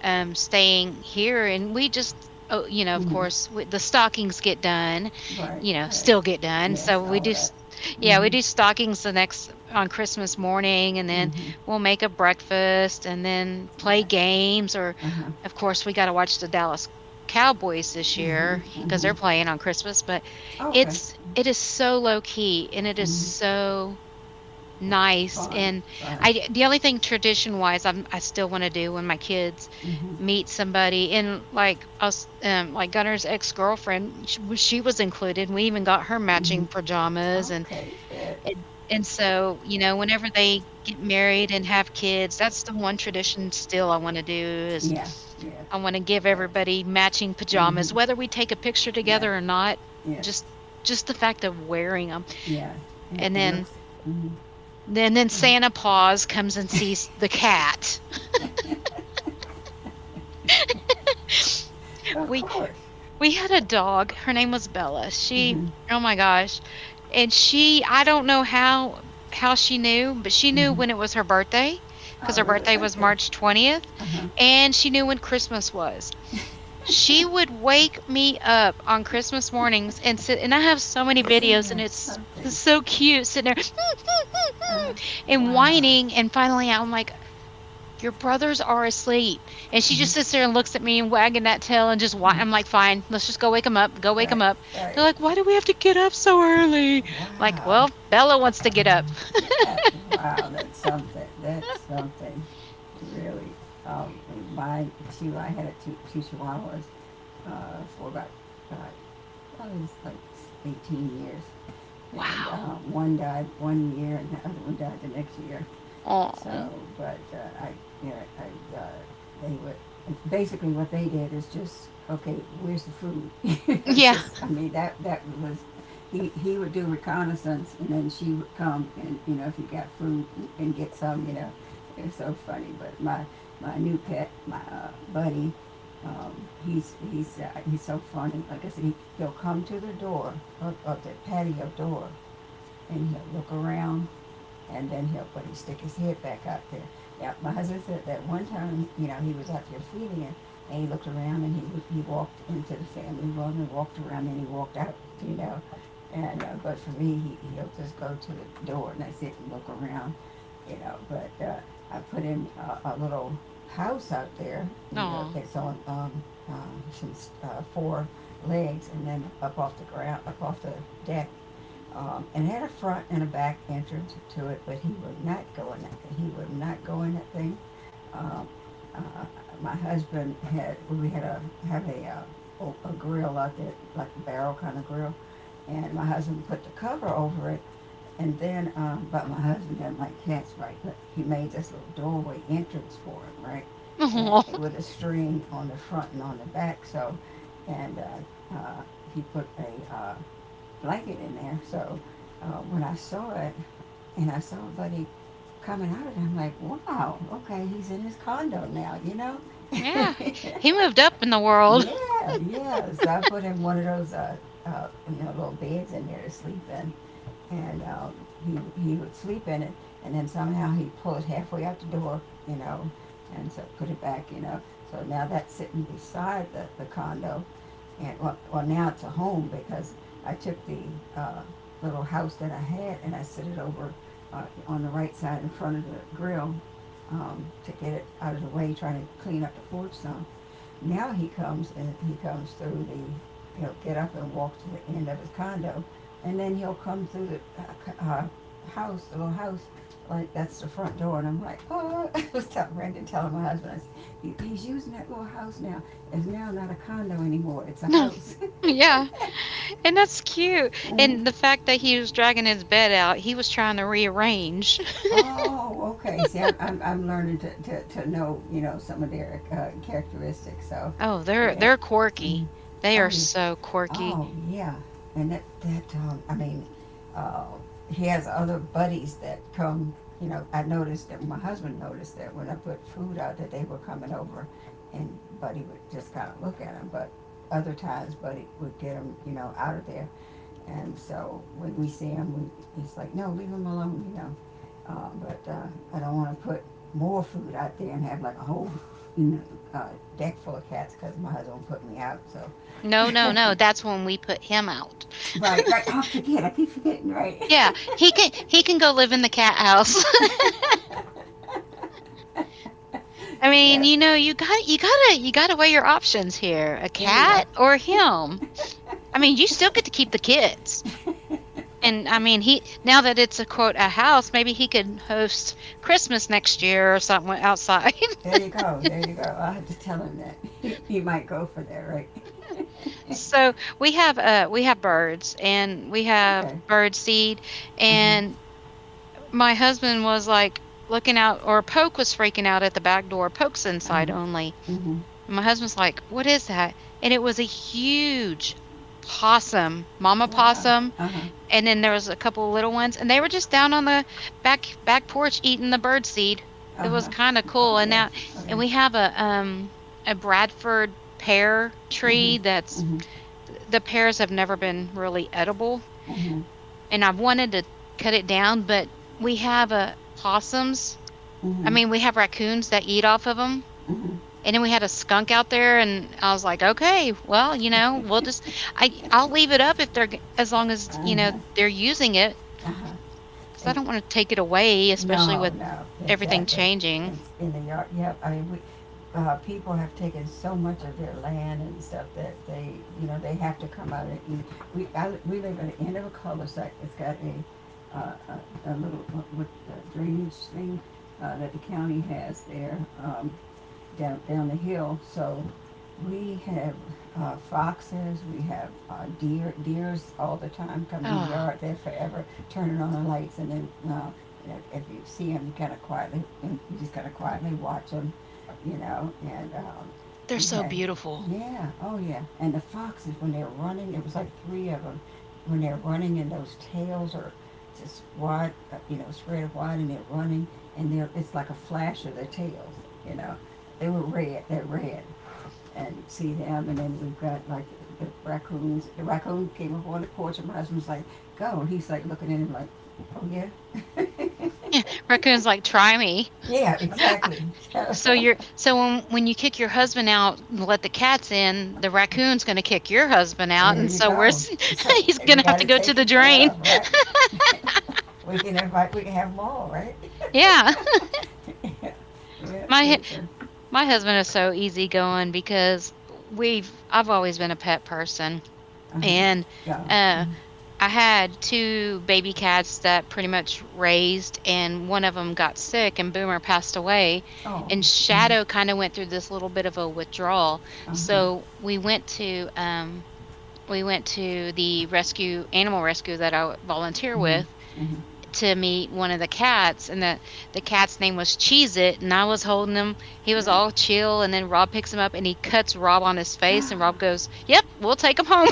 staying here, and we just, oh, you know, of Mm-hmm. course, we, the stockings get done, Right. you know, Right. still get done. Yes. So we All do. of S- that. Yeah, we Mm-hmm. do stockings the next on Christmas morning, and then Mm-hmm. we'll make a breakfast and then play Yeah. games. Or, Uh huh. of course, we got to watch the Dallas Cowboys this year Mm-hmm. because they're Mm-hmm. playing on Christmas. But Oh, okay. it's it is so low key, and it is Mm-hmm. so nice, Fine. and Fine. I the only thing tradition-wise I'm I still wanna do when my kids Mm-hmm. meet somebody and, like, us like, Gunner's ex-girlfriend, sh w she was included, we even got her Mm-hmm. matching pajamas, Okay. Good. and and so, you know, whenever they get married and have kids, that's the one tradition still I wanna do is Yes. Yes. I wanna give Yes. everybody matching pajamas, Mm-hmm. whether we take a picture Yes. together or not, Yes. just just the fact of wearing them, Yeah. and It then looks. Mm-hmm. and then Santa Paws comes and sees the cat. <laughs> Of We course. we had a dog. Her name was Bella. She Mm-hmm. oh my gosh. And she I don't know how she knew, but she knew Mm-hmm. when it was her birthday because Oh, her really? birthday was Okay. March 20th, Uh huh. and she knew when Christmas was. She would wake me up on Christmas mornings and sit, and I have so many Isn't videos, and that it's something? so cute sitting there Uh-huh. <laughs> and Wow. whining, and finally I'm like, your brothers are asleep. And she Mhm. just sits there and looks at me and wagging that tail and just, why? I'm like, fine, let's just go wake them up. Go wake Right, them up. They're right. like, why do we have to get up so early? I'm like, Wow. well, Bella wants to get up. That, wow, that's something. That's something. Really. Um, my I had two chihuahuas for uh, probably was like 18 years. And Wow. One died one year and the other one died the next year. Oh, So, but I, you know, I, they would basically what they did is just okay. Where's the food? <laughs> Yeah. just, I mean, that was he would do reconnaissance, and then she would come, and if he got food and get some, it was so funny. But my new pet, my buddy. He's he's so funny. Like I said, he'll come to the door of the patio door, and he'll look around, and then he'll put his stick his head back out there. Now my husband said that one time, he was out there feeding it, and he looked around, and he walked into the family room and walked around, and he walked out, you know. And but for me, he'll just go to the door, and that's it, and look around, you know. But I put in a little house out there. You know, Oh. it's on some four legs, and then up off the ground, up off the deck, and had a front and a back entrance to it, but he would not go in that thing. He would not go in that thing. Um, uh, my husband had we had a have a grill out there, like a barrel kind of grill, and my husband put the cover over it, and then but my husband didn't like cats, right? But he made this little doorway entrance for him, right? Oh, And with a string on the front and on the back. So, and he put a blanket in there. So when I saw it, and I saw Buddy coming out of it, I'm like, wow, okay, he's in his condo now, you know? <laughs> yeah. He moved up in the world. <laughs> Yeah, yeah. So I put him one of those, little beds in there to sleep in. And he would sleep in it, and then somehow he'd pull it halfway out the door, you know, and so put it back, you know. So now that's sitting beside the condo, and well now it's a home because I took the uh, little house that I had, and I set it over on the right side in front of the grill, to get it out of the way, trying to clean up the porch stone. Now he comes, and he comes through the, he'll get up and walk to the end of his condo, and then he'll come through the uh, house, the little house, like that's the front door. And I'm like, oh, <laughs> I was telling Brandon, telling my husband, I said, "He's using that little house now. It's now not a condo anymore, it's a No, house." <laughs> yeah. And that's cute. Mm. And the fact that he was dragging his bed out, he was trying to rearrange. <laughs> Oh, okay. See, I'm learning to know, some of their characteristics. So, Oh, yeah. they're Mm. quirky. They are Oh, yeah. so quirky. Oh, yeah. And that, that I mean, uh, he has other buddies that come. You know, I noticed that my husband noticed that when I put food out that they were coming over, and Buddy would just kind of look at him. But other times, Buddy would get him, you know, out of there. And so when we see him, we, it's like, no, leave him alone, you know. But I don't want to put more food out there and have like a whole, you know, uh, deck full of cats because my husband will put me out. So, No, no, no, that's when we put him out. <laughs> right, right. <laughs> Oh, I forget. I keep forgetting. Right. Yeah, he can go live in the cat house. <laughs> <laughs> I mean, Yeah. you know, you got you gotta weigh your options here, a There you go. cat or him. I mean, you still get to keep the kids, <laughs> and I mean, he now that it's a quote a house, maybe he could host Christmas next year or something outside. There you go. There you go. I had to tell him that. <laughs> He might go for that. Right. <laughs> <laughs> So we have birds, and we have Okay. bird seed, Uh huh. and my husband was like looking out, or Poke was freaking out at the back door. Poke's inside Uh-huh. only. Mm-hmm. And my husband's like, what is that? And it was a huge possum, mama Wow. possum. Uh-huh. And then there was a couple of little ones, and they were just down on the back back porch eating the bird seed. It was Uh-huh. kind of Oh cool. And yeah. now, Oh and yeah. we have a Bradford pear Mm-hmm. tree that's Mm-hmm. the pears have never been really edible, Mm-hmm. and I've wanted to cut it down, but we have a possums Mm-hmm. I Mm-hmm. mean, we have raccoons that eat off of them, and then we had a skunk out there, and I was like, "Okay, well, you know, we'll just I I'll leave it up if they're g as long as, you know, Mm-hmm. they're using it, Uh-huh. because I And don't wanna take it away, especially no, with no, everything exactly. changing." And in the yard, yep. I mean, people have taken so much of their land and stuff that they, you know, they have to come out and eat. We live at the end of a cul-de-sac. It's got a a little drainage thing that the county has there. Down the hill. So we have foxes, we have deer, deers all the time come in the Oh, yard. They're forever turning on the lights, and then you see them, you kind of quietly, you just kind of quietly watch them, you know. And they're we so had, beautiful. yeah, oh yeah, and the foxes when they're running, it was like three of them when they're running, and those tails are just wide, spread wide, and they're running, and they're it's like a flash of the tails, you know. They were red. They're red. And see them, and then we've got like the raccoons. The raccoon came up on the porch, and my husband's like, "Go." And he's like looking at him like, "Oh yeah, <laughs> Raccoon's like, "Try me." yeah, exactly." So So <laughs> you're so when you kick your husband out and let the cats in, the raccoon's gonna kick your husband out, there and you so we're go. s <laughs> So he's we gonna have got to it go to the taken care drain. of, right? We can invite. We can have them all, right? Yeah. <laughs> Yeah. Yeah, My it's a, My husband is so easygoing because we've I've always been a pet person, uh-huh. and, Yeah. uh, I had 2 baby cats that pretty much raised, and one of them got sick, and Boomer passed away, Oh. and Mhm. Shadow kinda went through this little bit of a withdrawal, Uh-huh. so we went to the rescue animal rescue that I volunteer Mhm. with Mhm. to meet one of the cats, and the cat's name was Cheese It, and I was holding him. He was Right. all chill, and then Rob picks him up, and he cuts Rob on his face, and <gasps> Rob goes, "Yep, we'll take him home."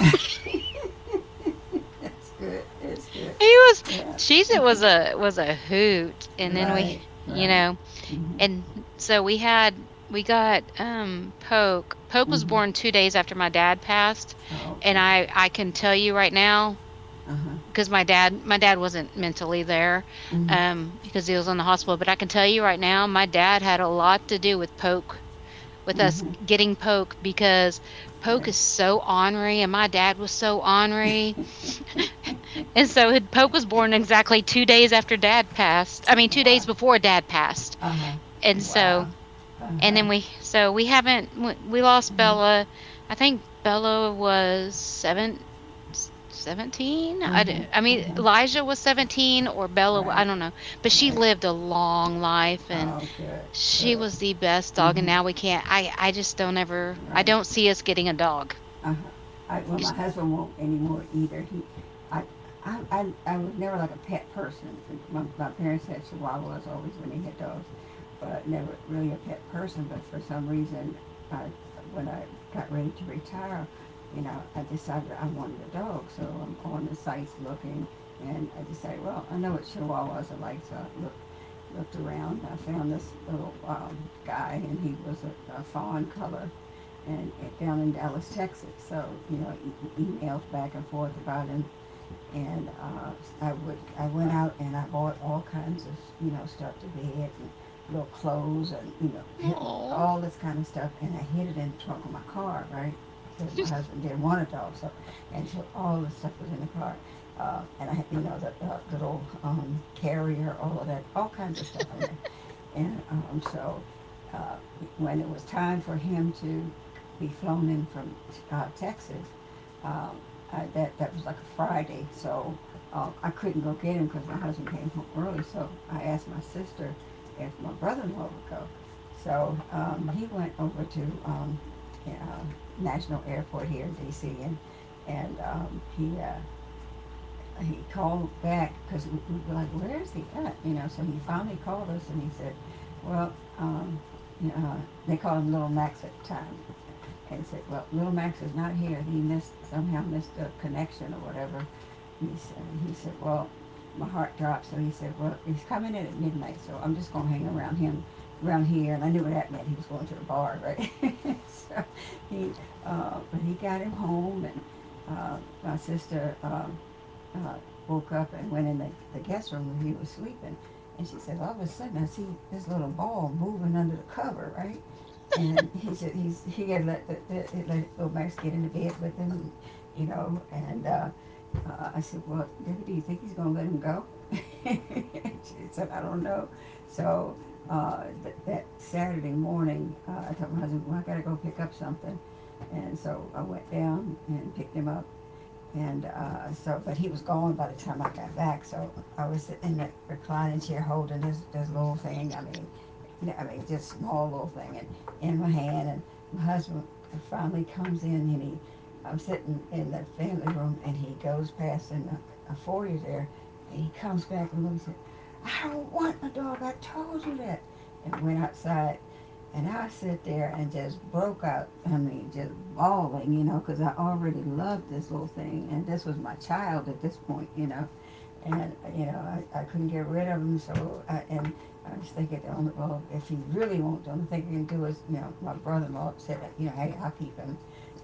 It's good. It's good. <laughs> He was Yeah. Cheese It was a hoot. And then we, Right. you Right. know, Mm-hmm. and so we had we got Poke. Poke was Mm-hmm. born 2 days after my dad passed, Oh, and okay. I can tell you right now Uh huh. because my dad wasn't mentally there Mm-hmm. Because he was in the hospital, but I can tell you right now my dad had a lot to do with Poke, with us Mm-hmm. getting Poke, because Poke Right. is so ornery and my dad was so ornery, and so it- Poke was born exactly 2 days after dad passed I mean two Wow. days before dad passed, Uh huh. and so Wow. Uh and huh. then we so we haven't we lost Mm-hmm. Bella. I think Bella was seven, 17. 17. I, d- I mean, Mm-hmm. Elijah was 17 or Bella, I Right. don't know, but she Right. lived a long life, and Oh, good. she Good. was the best dog. And Mm-hmm. now we can't, I just don't ever, I Right. don't see us getting a dog. Uh, well, my 'Cause- husband won't anymore either. He, I, I was never like a pet person. My parents had chihuahuas always when they had dogs, but never really a pet person. But for some reason, I, when I got ready to retire, you know, I decided I wanted a dog. So I'm on the sites looking, and I decided, well, I know what chihuahuas are like, so I looked, looked around. I found this little guy, and he was a fawn color, and, down in Dallas, Texas. So emails back and forth about, and I would I went out and I bought all kinds of, stuff to bed, and little clothes, and Aw. Oh, all this kind of stuff, and I hid it in the trunk of my car, right? Because my husband didn't want a dog. So, and so all the stuff was in the car, and I, you know, the little carrier, all of that, all kinds of stuff in there. And so uh, when it was time for him to be flown in from Texas, um, that was like a Friday. So I couldn't go get him because my husband came home early. So I asked my sister if my brother-in-law would go. So he went over to um, yeah, uh, National Airport here in D.C. And he he called back because we were like, where is he at? You know. So he finally called us, and he said, well, um, you know, uh, they called him Little Max at the time, and said, "Well, little Max is not here. He missed somehow missed a connection or whatever." He said, "He said, well, my heart dropped." So he said, "Well, he's coming in at midnight, so I'm just gonna hang around him, around here." And I knew what that meant. He was going to the bar, right? <laughs> So he, but he got him home. And uh, my sister, uh, woke up and went in the guest room where he was sleeping. And she said, all of a sudden, I see this little ball moving under the cover, right? And he said he had let the let little Max get into bed with him, you know. And I said, well, Debbie, do you think he's gonna let him go? <laughs> She said, I don't know. So that Saturday morning, I told my husband, well, I gotta go pick up something. And so I went down and picked him up. And so, but he was gone by the time I got back. So I was in that reclining chair holding this little thing. I mean, I mean, just small little thing, and in my hand. And my husband finally comes in, I'm sitting in the family room, and he goes past in a foyer there, and he comes back and I don't want a dog. I told you that. And went outside and I sit there and just broke out. I mean, just bawling, because I already loved this little thing, and this was my child at this point, you know and you know I couldn't get rid of him. And I was thinking, well, if he really won't, the only thing I can do is my brother-in-law said, hey, I'll keep him,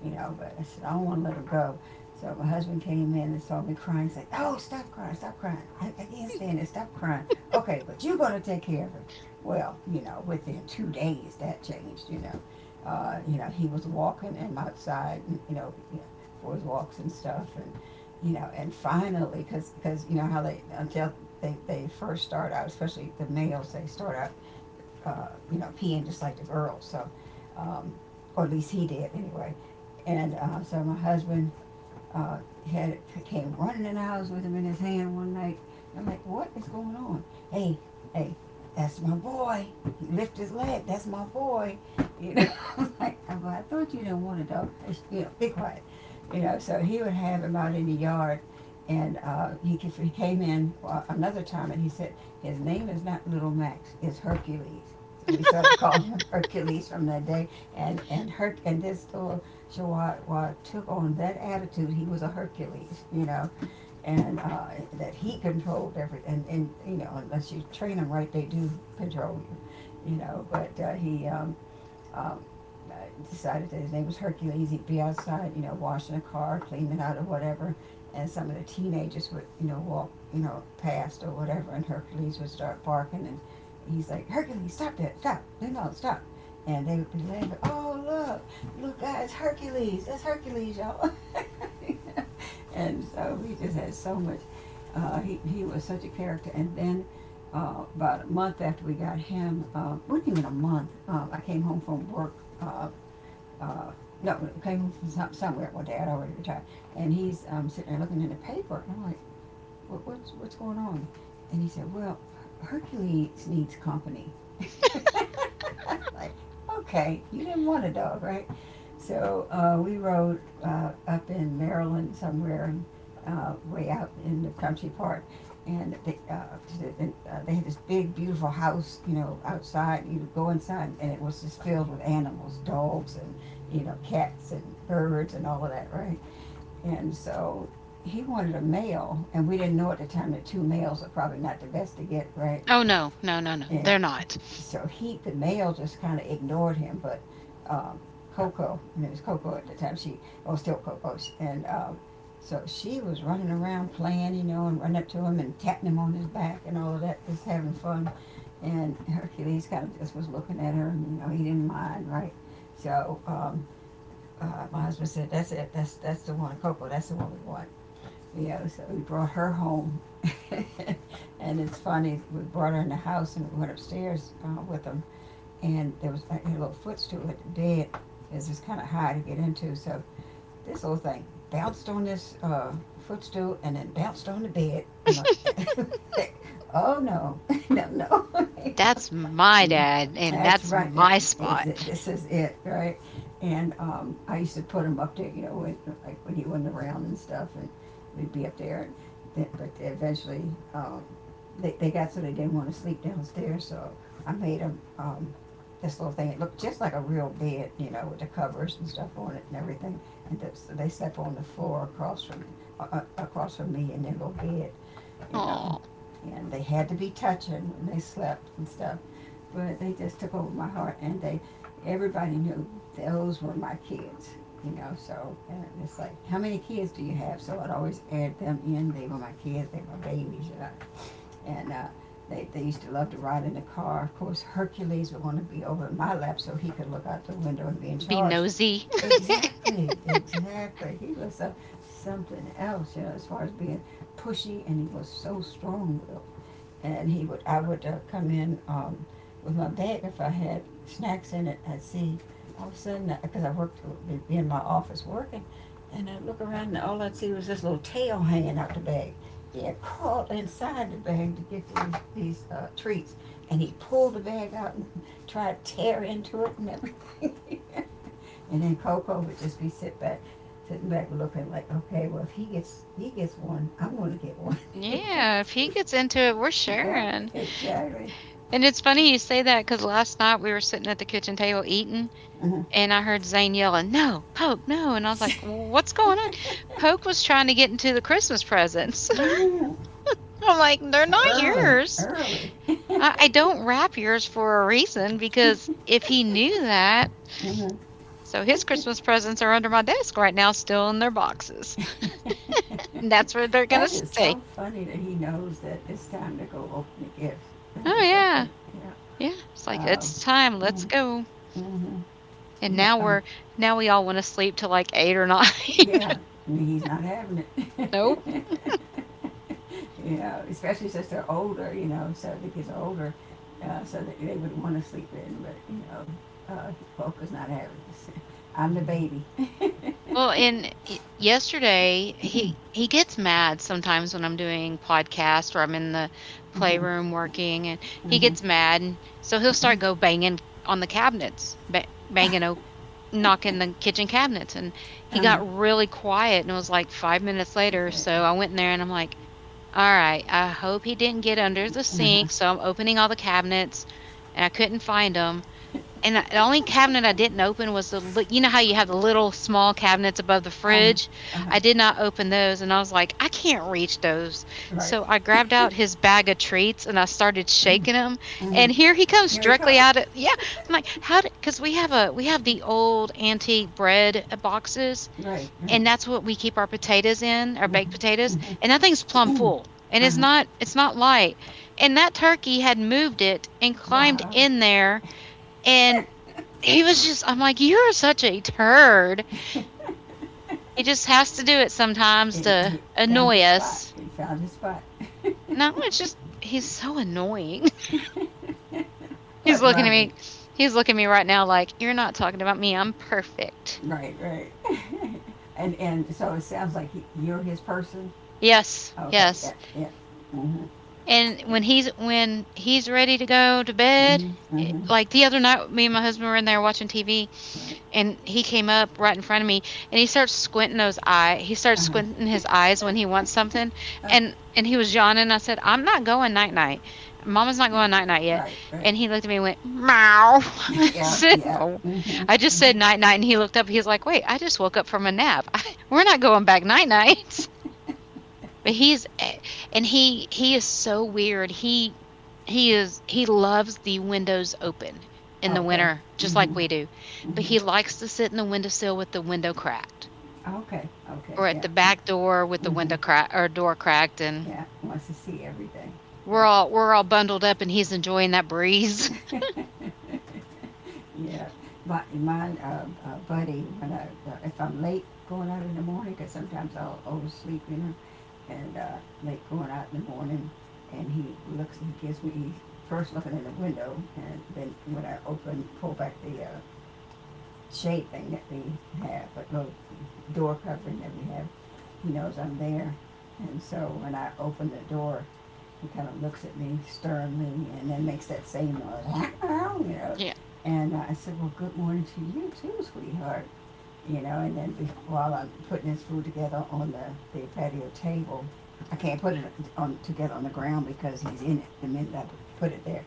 you know. But I said I don't want to let him go. So my husband came in and saw me crying. Said, "Oh, stop crying, stop crying. I can't stand it. Stop crying. Okay, but you're going to take care of him." Well, within 2 days that changed. He was walking and outside, and, for his walks and stuff, and and finally, because you know how they until they first start out, especially the males, they start out, peeing just like the girls. So, um, or at least he did anyway. And so my husband uh, had came running in the house with him in his hand one night. I'm like, what is going on? Hey, hey, that's my boy. He lift his leg. That's my boy. You know, <laughs> I'm like, "Oh, well, I thought you didn't want a dog. <laughs> Be quiet. So he would have him out in the yard, and he came in another time, and he said his name is not Little Max. It's Hercules. So we started <laughs> calling him Hercules from that day, and Herc and this little so I took on that attitude. He was a Hercules, and that he controlled and unless you train them right, they do control you, you know. But he um, I decided that his name was Hercules. He'd be outside, washing a car, cleaning out or whatever, and some of the teenagers would, walk, past or whatever, and Hercules would start barking, and he's like, Hercules, stop that, stop, no, no, stop. And they would be laughing, oh, look, look, guys, Hercules, that's Hercules, y'all. <laughs> and so we just had so much. He was such a character. And then about a month after we got him, wasn't even a month. I came home from work. Uh, uh, no, came from somewhere one Dad already retired, and he's sitting there looking in the paper, and I'm like, what's going on? And he said, well, Hercules needs company. <laughs> Like, okay, you didn't want a dog, right? So we rode up in Maryland somewhere, way out in the country part, and they had this big, beautiful house, outside. You would go inside, and it was just filled with animals, dogs, and cats and birds and all of that, right? And so he wanted a male, and we didn't know at the time that two males are probably not the best to get, right? no, no, no, no, And they're not. so he, the male, just kind of ignored him. But um, Coco, her name was Coco at the time, she, oh, still Coco, and so she was running around playing, and running up to him and tapping him on his back and all of that, just having fun. And Hercules kind of just was looking at her, and he didn't mind, right? So my husband said, "That's it. That's the one, Coco. That's the one we want." So we brought her home. <laughs> and it's funny, we brought her in the house and we went upstairs with them. And there was like a little footstool at the bed. It's just kind of high to get into. So this little thing bounced on this footstool and then bounced on the bed. I'm like, <laughs> Oh no, <laughs> no, no. <laughs> Yeah, That's my yeah. dad and That's that's right. That my is spot. it. <laughs> This is it, right? And I used to put them up there, when, like when he wasn't around and stuff, and we'd be up there. And then, but eventually, um, they got so they didn't want to sleep downstairs, so I made them this little thing. It looked just like a real bed, with the covers and stuff on it and everything. And they slept on the floor across from me in their little bed, you know. Oh, And they had to be touching when they slept and stuff. But they just took over my heart, and they everybody knew those were my kids. So and it's like, how many kids do you have? So I'd always add them in. They were my kids. They were my babies. And they used to love to ride in the car. Of course, Hercules would want to be over in my lap so he could look out the window and be in be charge. nosy. Exactly, exactly. Something else, as far as being pushy, and he was so strong-willed. And I would come in with my bag if I had snacks in it. I'd see all of a sudden, because I worked be in my office working, and I'd look around, and all I'd see was this little tail hanging out the bag. He had crawled inside the bag to get these treats, and he pulled the bag out and tried to tear into it and everything. <laughs> And then Coco would just be sitting back looking like, okay, well if he gets one, I'm gonna get one. <laughs> Yeah, if he gets into it, we're yeah, sharing. exactly. And it's funny you say that because last night we were sitting at the kitchen table eating, Uh-huh. <laughs> and I heard Zane yelling, "No, Poke, no." And I was like, "Well, what's going on? Poke was trying to get into the Christmas presents." <laughs> Mhm. I'm like, "They're not Early, yours. early. I don't wrap yours for a reason because if he knew that, Mhm. so his Christmas presents are under my desk right now, still in their boxes." <laughs> <laughs> And that's where they're going to that is stay. so funny that he knows that it's time to go open the gift. That Oh, is so yeah. funny. Yeah. Yeah. It's like, Wow. it's time. Let's Mm-hmm. go. Mm-hmm. And Yeah. now we're now we all wanna sleep till, like, 8 or 9. <laughs> yeah. I mean, he's not having it. Nope. Especially since they're older, so the kids are older, so that they would want to sleep in, but, uh, Polka's not having this. <laughs> I'm the baby. Well, and y yesterday, he gets mad sometimes when I'm doing podcast or I'm in the Mm-hmm, playroom working, and he mm-hmm, gets mad, and so he'll start go banging on the cabinets, ba banging o knocking the kitchen cabinets, and he uh-huh, got really quiet, and it was, like, 5 minutes later, exactly. so I went in there and I'm like, "Alright, I hope he didn't get under the Uh-huh, sink," so I'm opening all the cabinets, and I couldn't find him. And I the only cabinet I didn't open was the li you know how you have the little small cabinets above the uh-huh, fridge? uh-huh, I did not open those, and I was like, "I can't reach those." right, So I grabbed out his bag of treats, and I started shaking him, mm-hmm. and here he comes Here we directly go, out of. Yeah, I'm like, "How did? Because we have a we have the old antique bread, boxes, right, right, and that's what we keep our potatoes in, our baked potatoes, mm-hmm, and that thing's plumb mm-hmm, full, <coughs> <clears throat> and it's uh-huh, not light, and that turkey had moved it and climbed wow, in there, and he was just, I'm like, You're such a turd. <laughs> He just has to do it sometimes to he found annoy his spot, us. he found his spot, No, it's just he's so annoying." <laughs> he's but looking at me loving, he's looking at me right now like, "You're not talking about me, I'm perfect." right, right, and so it sounds like you're his person, Yes, Okay, yeah, yes. yeah. Mm-hmm, And when he's ready to go to yeah. bed, Mm-hmm, mm-hmm, like the other night me and my husband were in there watching TV, right, and he came up right in front of me, and he starts squinting those eye he starts uh-huh, squinting his eyes when he wants something. uh, And he was yawning. I said, "I'm not going night night. Mama's not going night night yet." right, right. And he looked at me and went meow. <laughs> <laughs> I Yeah, said, yeah, "Oh." mm-hmm, I just mm-hmm, said, "Night night," and he looked up. He's like, "Wait, I just woke up from a nap." <laughs> We're not going back night night. But he's eh, and he is so weird. He is, he loves the windows open in the okay, winter just mm-hmm, like we do. But mm-hmm, he likes to sit in the windowsill with the window cracked, okay, okay, or at yeah, the yeah, back door with the mm-hmm, window crack or door cracked, and yeah, wants to see everything, yeah. We're all bundled up and he's enjoying that breeze. <laughs> <laughs> Yeah, my buddy, if I'm late going out in the morning because sometimes I'll oversleep, and make going out in the morning. And he looks, and gives me, he's first looking in the window, and then pull back the shade thing that we have, but no door covering that we have, he knows I'm there. And so when I open the door, he kind of looks at me sternly and then makes that same noise. <laughs> Yeah. And I said, well, good morning to you too, sweetheart, and then while I'm putting this food together on the patio table, I can't put it on together on the ground because he's in it the minute I put it there.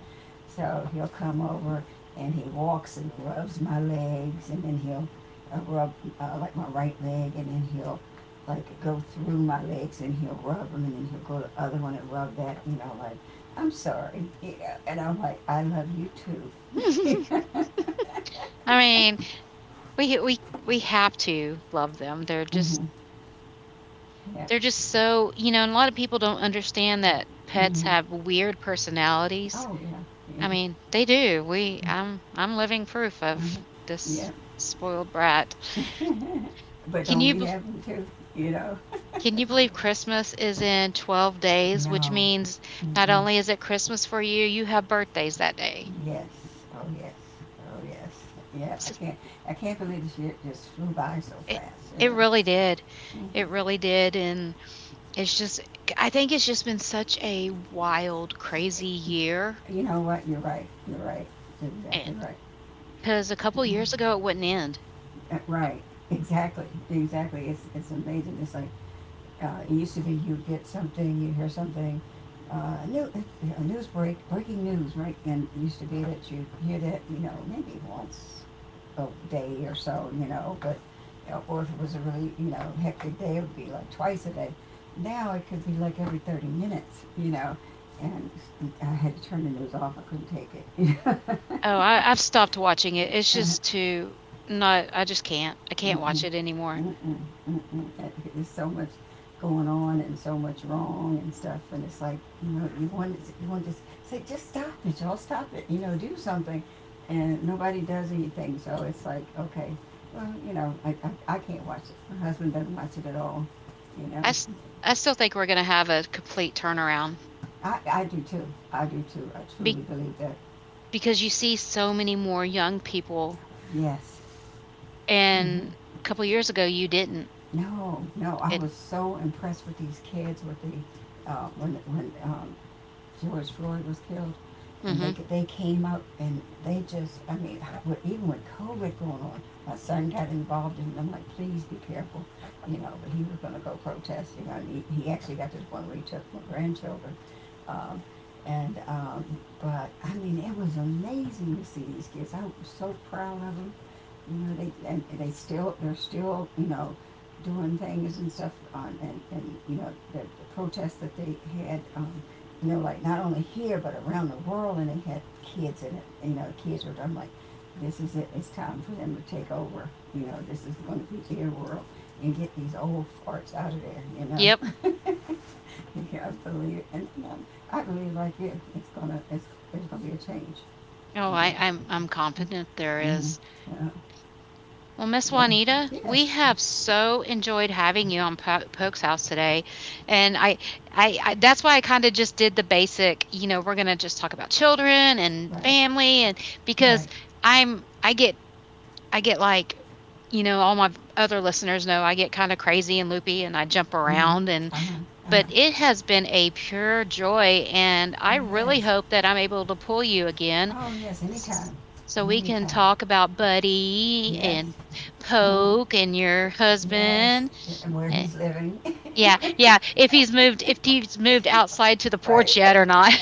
So he'll come over and he walks and rubs my legs, and then he'll rub like my right leg, and then he'll like go through my legs and he'll rub them, and then he'll go to the other one and rub that, like I'm sorry, and I'm like I love you too. <laughs> <laughs> I mean, we we we have to love them. Mm hmm. Yeah. They're just so, you know, and a lot of people don't understand that Mm pets hmm. have weird personalities. Oh, yeah, yeah, I mean, they do. We I'm living proof of uh-huh, yeah. this spoiled brat. But Can don't you we bef have them too, you know? can you believe Christmas is in 12 days, which No. means not Mm-mm. only is it Christmas for you, you have birthdays that day. Yes, oh, yes, oh, yes. Yeah, I So can't, I can't believe this year just flew by so it fast, you it know? really did. It really did, and it's just I think it's just been such a wild, crazy year. You know what, you're right, And exactly right. because a couple years ago, it wouldn't end. Right, exactly, exactly. It's amazing, it's like, it used to be you'd get something, you'd hear something, uh, a, new, a news break, breaking news, right? And it used to be that you'd hear that, maybe once a day or so, but, or if it was a really, hectic day, it would be like twice a day. Now it could be like every 30 minutes, and I had to turn the news off. I couldn't take it. Oh, I've stopped watching it. It's <laughs> uh, just too not I just can't. I can't watch Mm-mm, it anymore. mm-mm, mm-mm. There's so much going on and so much wrong and stuff, and it's like you want to say just stop it, y'all stop it, do something, and nobody does anything. So it's like okay, well I can't watch it. My husband doesn't watch it at all. You I know s I still think we're gonna have a complete turnaround I do too. I do too. I be truly believe that. because you see so many more young people, Yes. Mm hmm. and a couple years ago, you didn't. No, no. I It. was so impressed with these kids with the when George Floyd was killed, and they Mhm. they came out and they just I mean <sighs> even with COVID going on, my son got involved in it, and I'm like, please be careful. But he was going to go protest. And he actually got to the point where he took my grandchildren, um, and but I mean it was amazing to see these kids. I was so proud of them. They and they still they're still doing things and stuff and the protests that they had, like not only here but around the world, and they had kids in it. Kids were. I'm like, this is it. It's time for them to take over. This is going to be their world, and get these old farts out of there. Yep. <laughs> Yeah, I believe, I believe like you, there's gonna be a change. Oh, You know, I'm confident there mm-hmm. is. Uh, Well, Miss yeah, Juanita, we yes, have so enjoyed having you on Poke's House today, and I that's why I kind of just did the basic. You know, we're gonna just talk about children and right, family, and because right. I'm, I get, I get like, you know, all my other listeners know I get kind of crazy and loopy, and I jump Mm-hmm. around, and Uh huh. Uh but huh. it has been a pure joy, and It I really has. hope that I'm able to pull you again Oh yes. Anytime. so we can Anytime. talk about Buddy Yes. and Mm-hmm. Poke and your Yes, husband. and where Eh, he's living, Yeah, yeah. If he's moved outside to the <laughs> right? porch yet or not.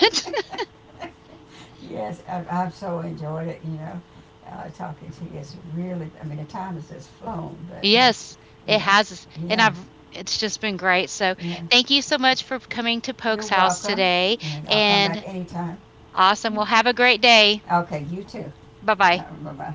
<laughs> yes, I've so enjoyed it. Talking to you is really. I mean, the time has just flown, <laughs> but Yes, you it know, has, and yeah, I've. It's just been great. So yeah. thank you so much for coming to You're Poke's house welcome, today. and I'll come back And anytime. Awesome. Well, have a great day. Okay, you too. Bye bye. Bye bye.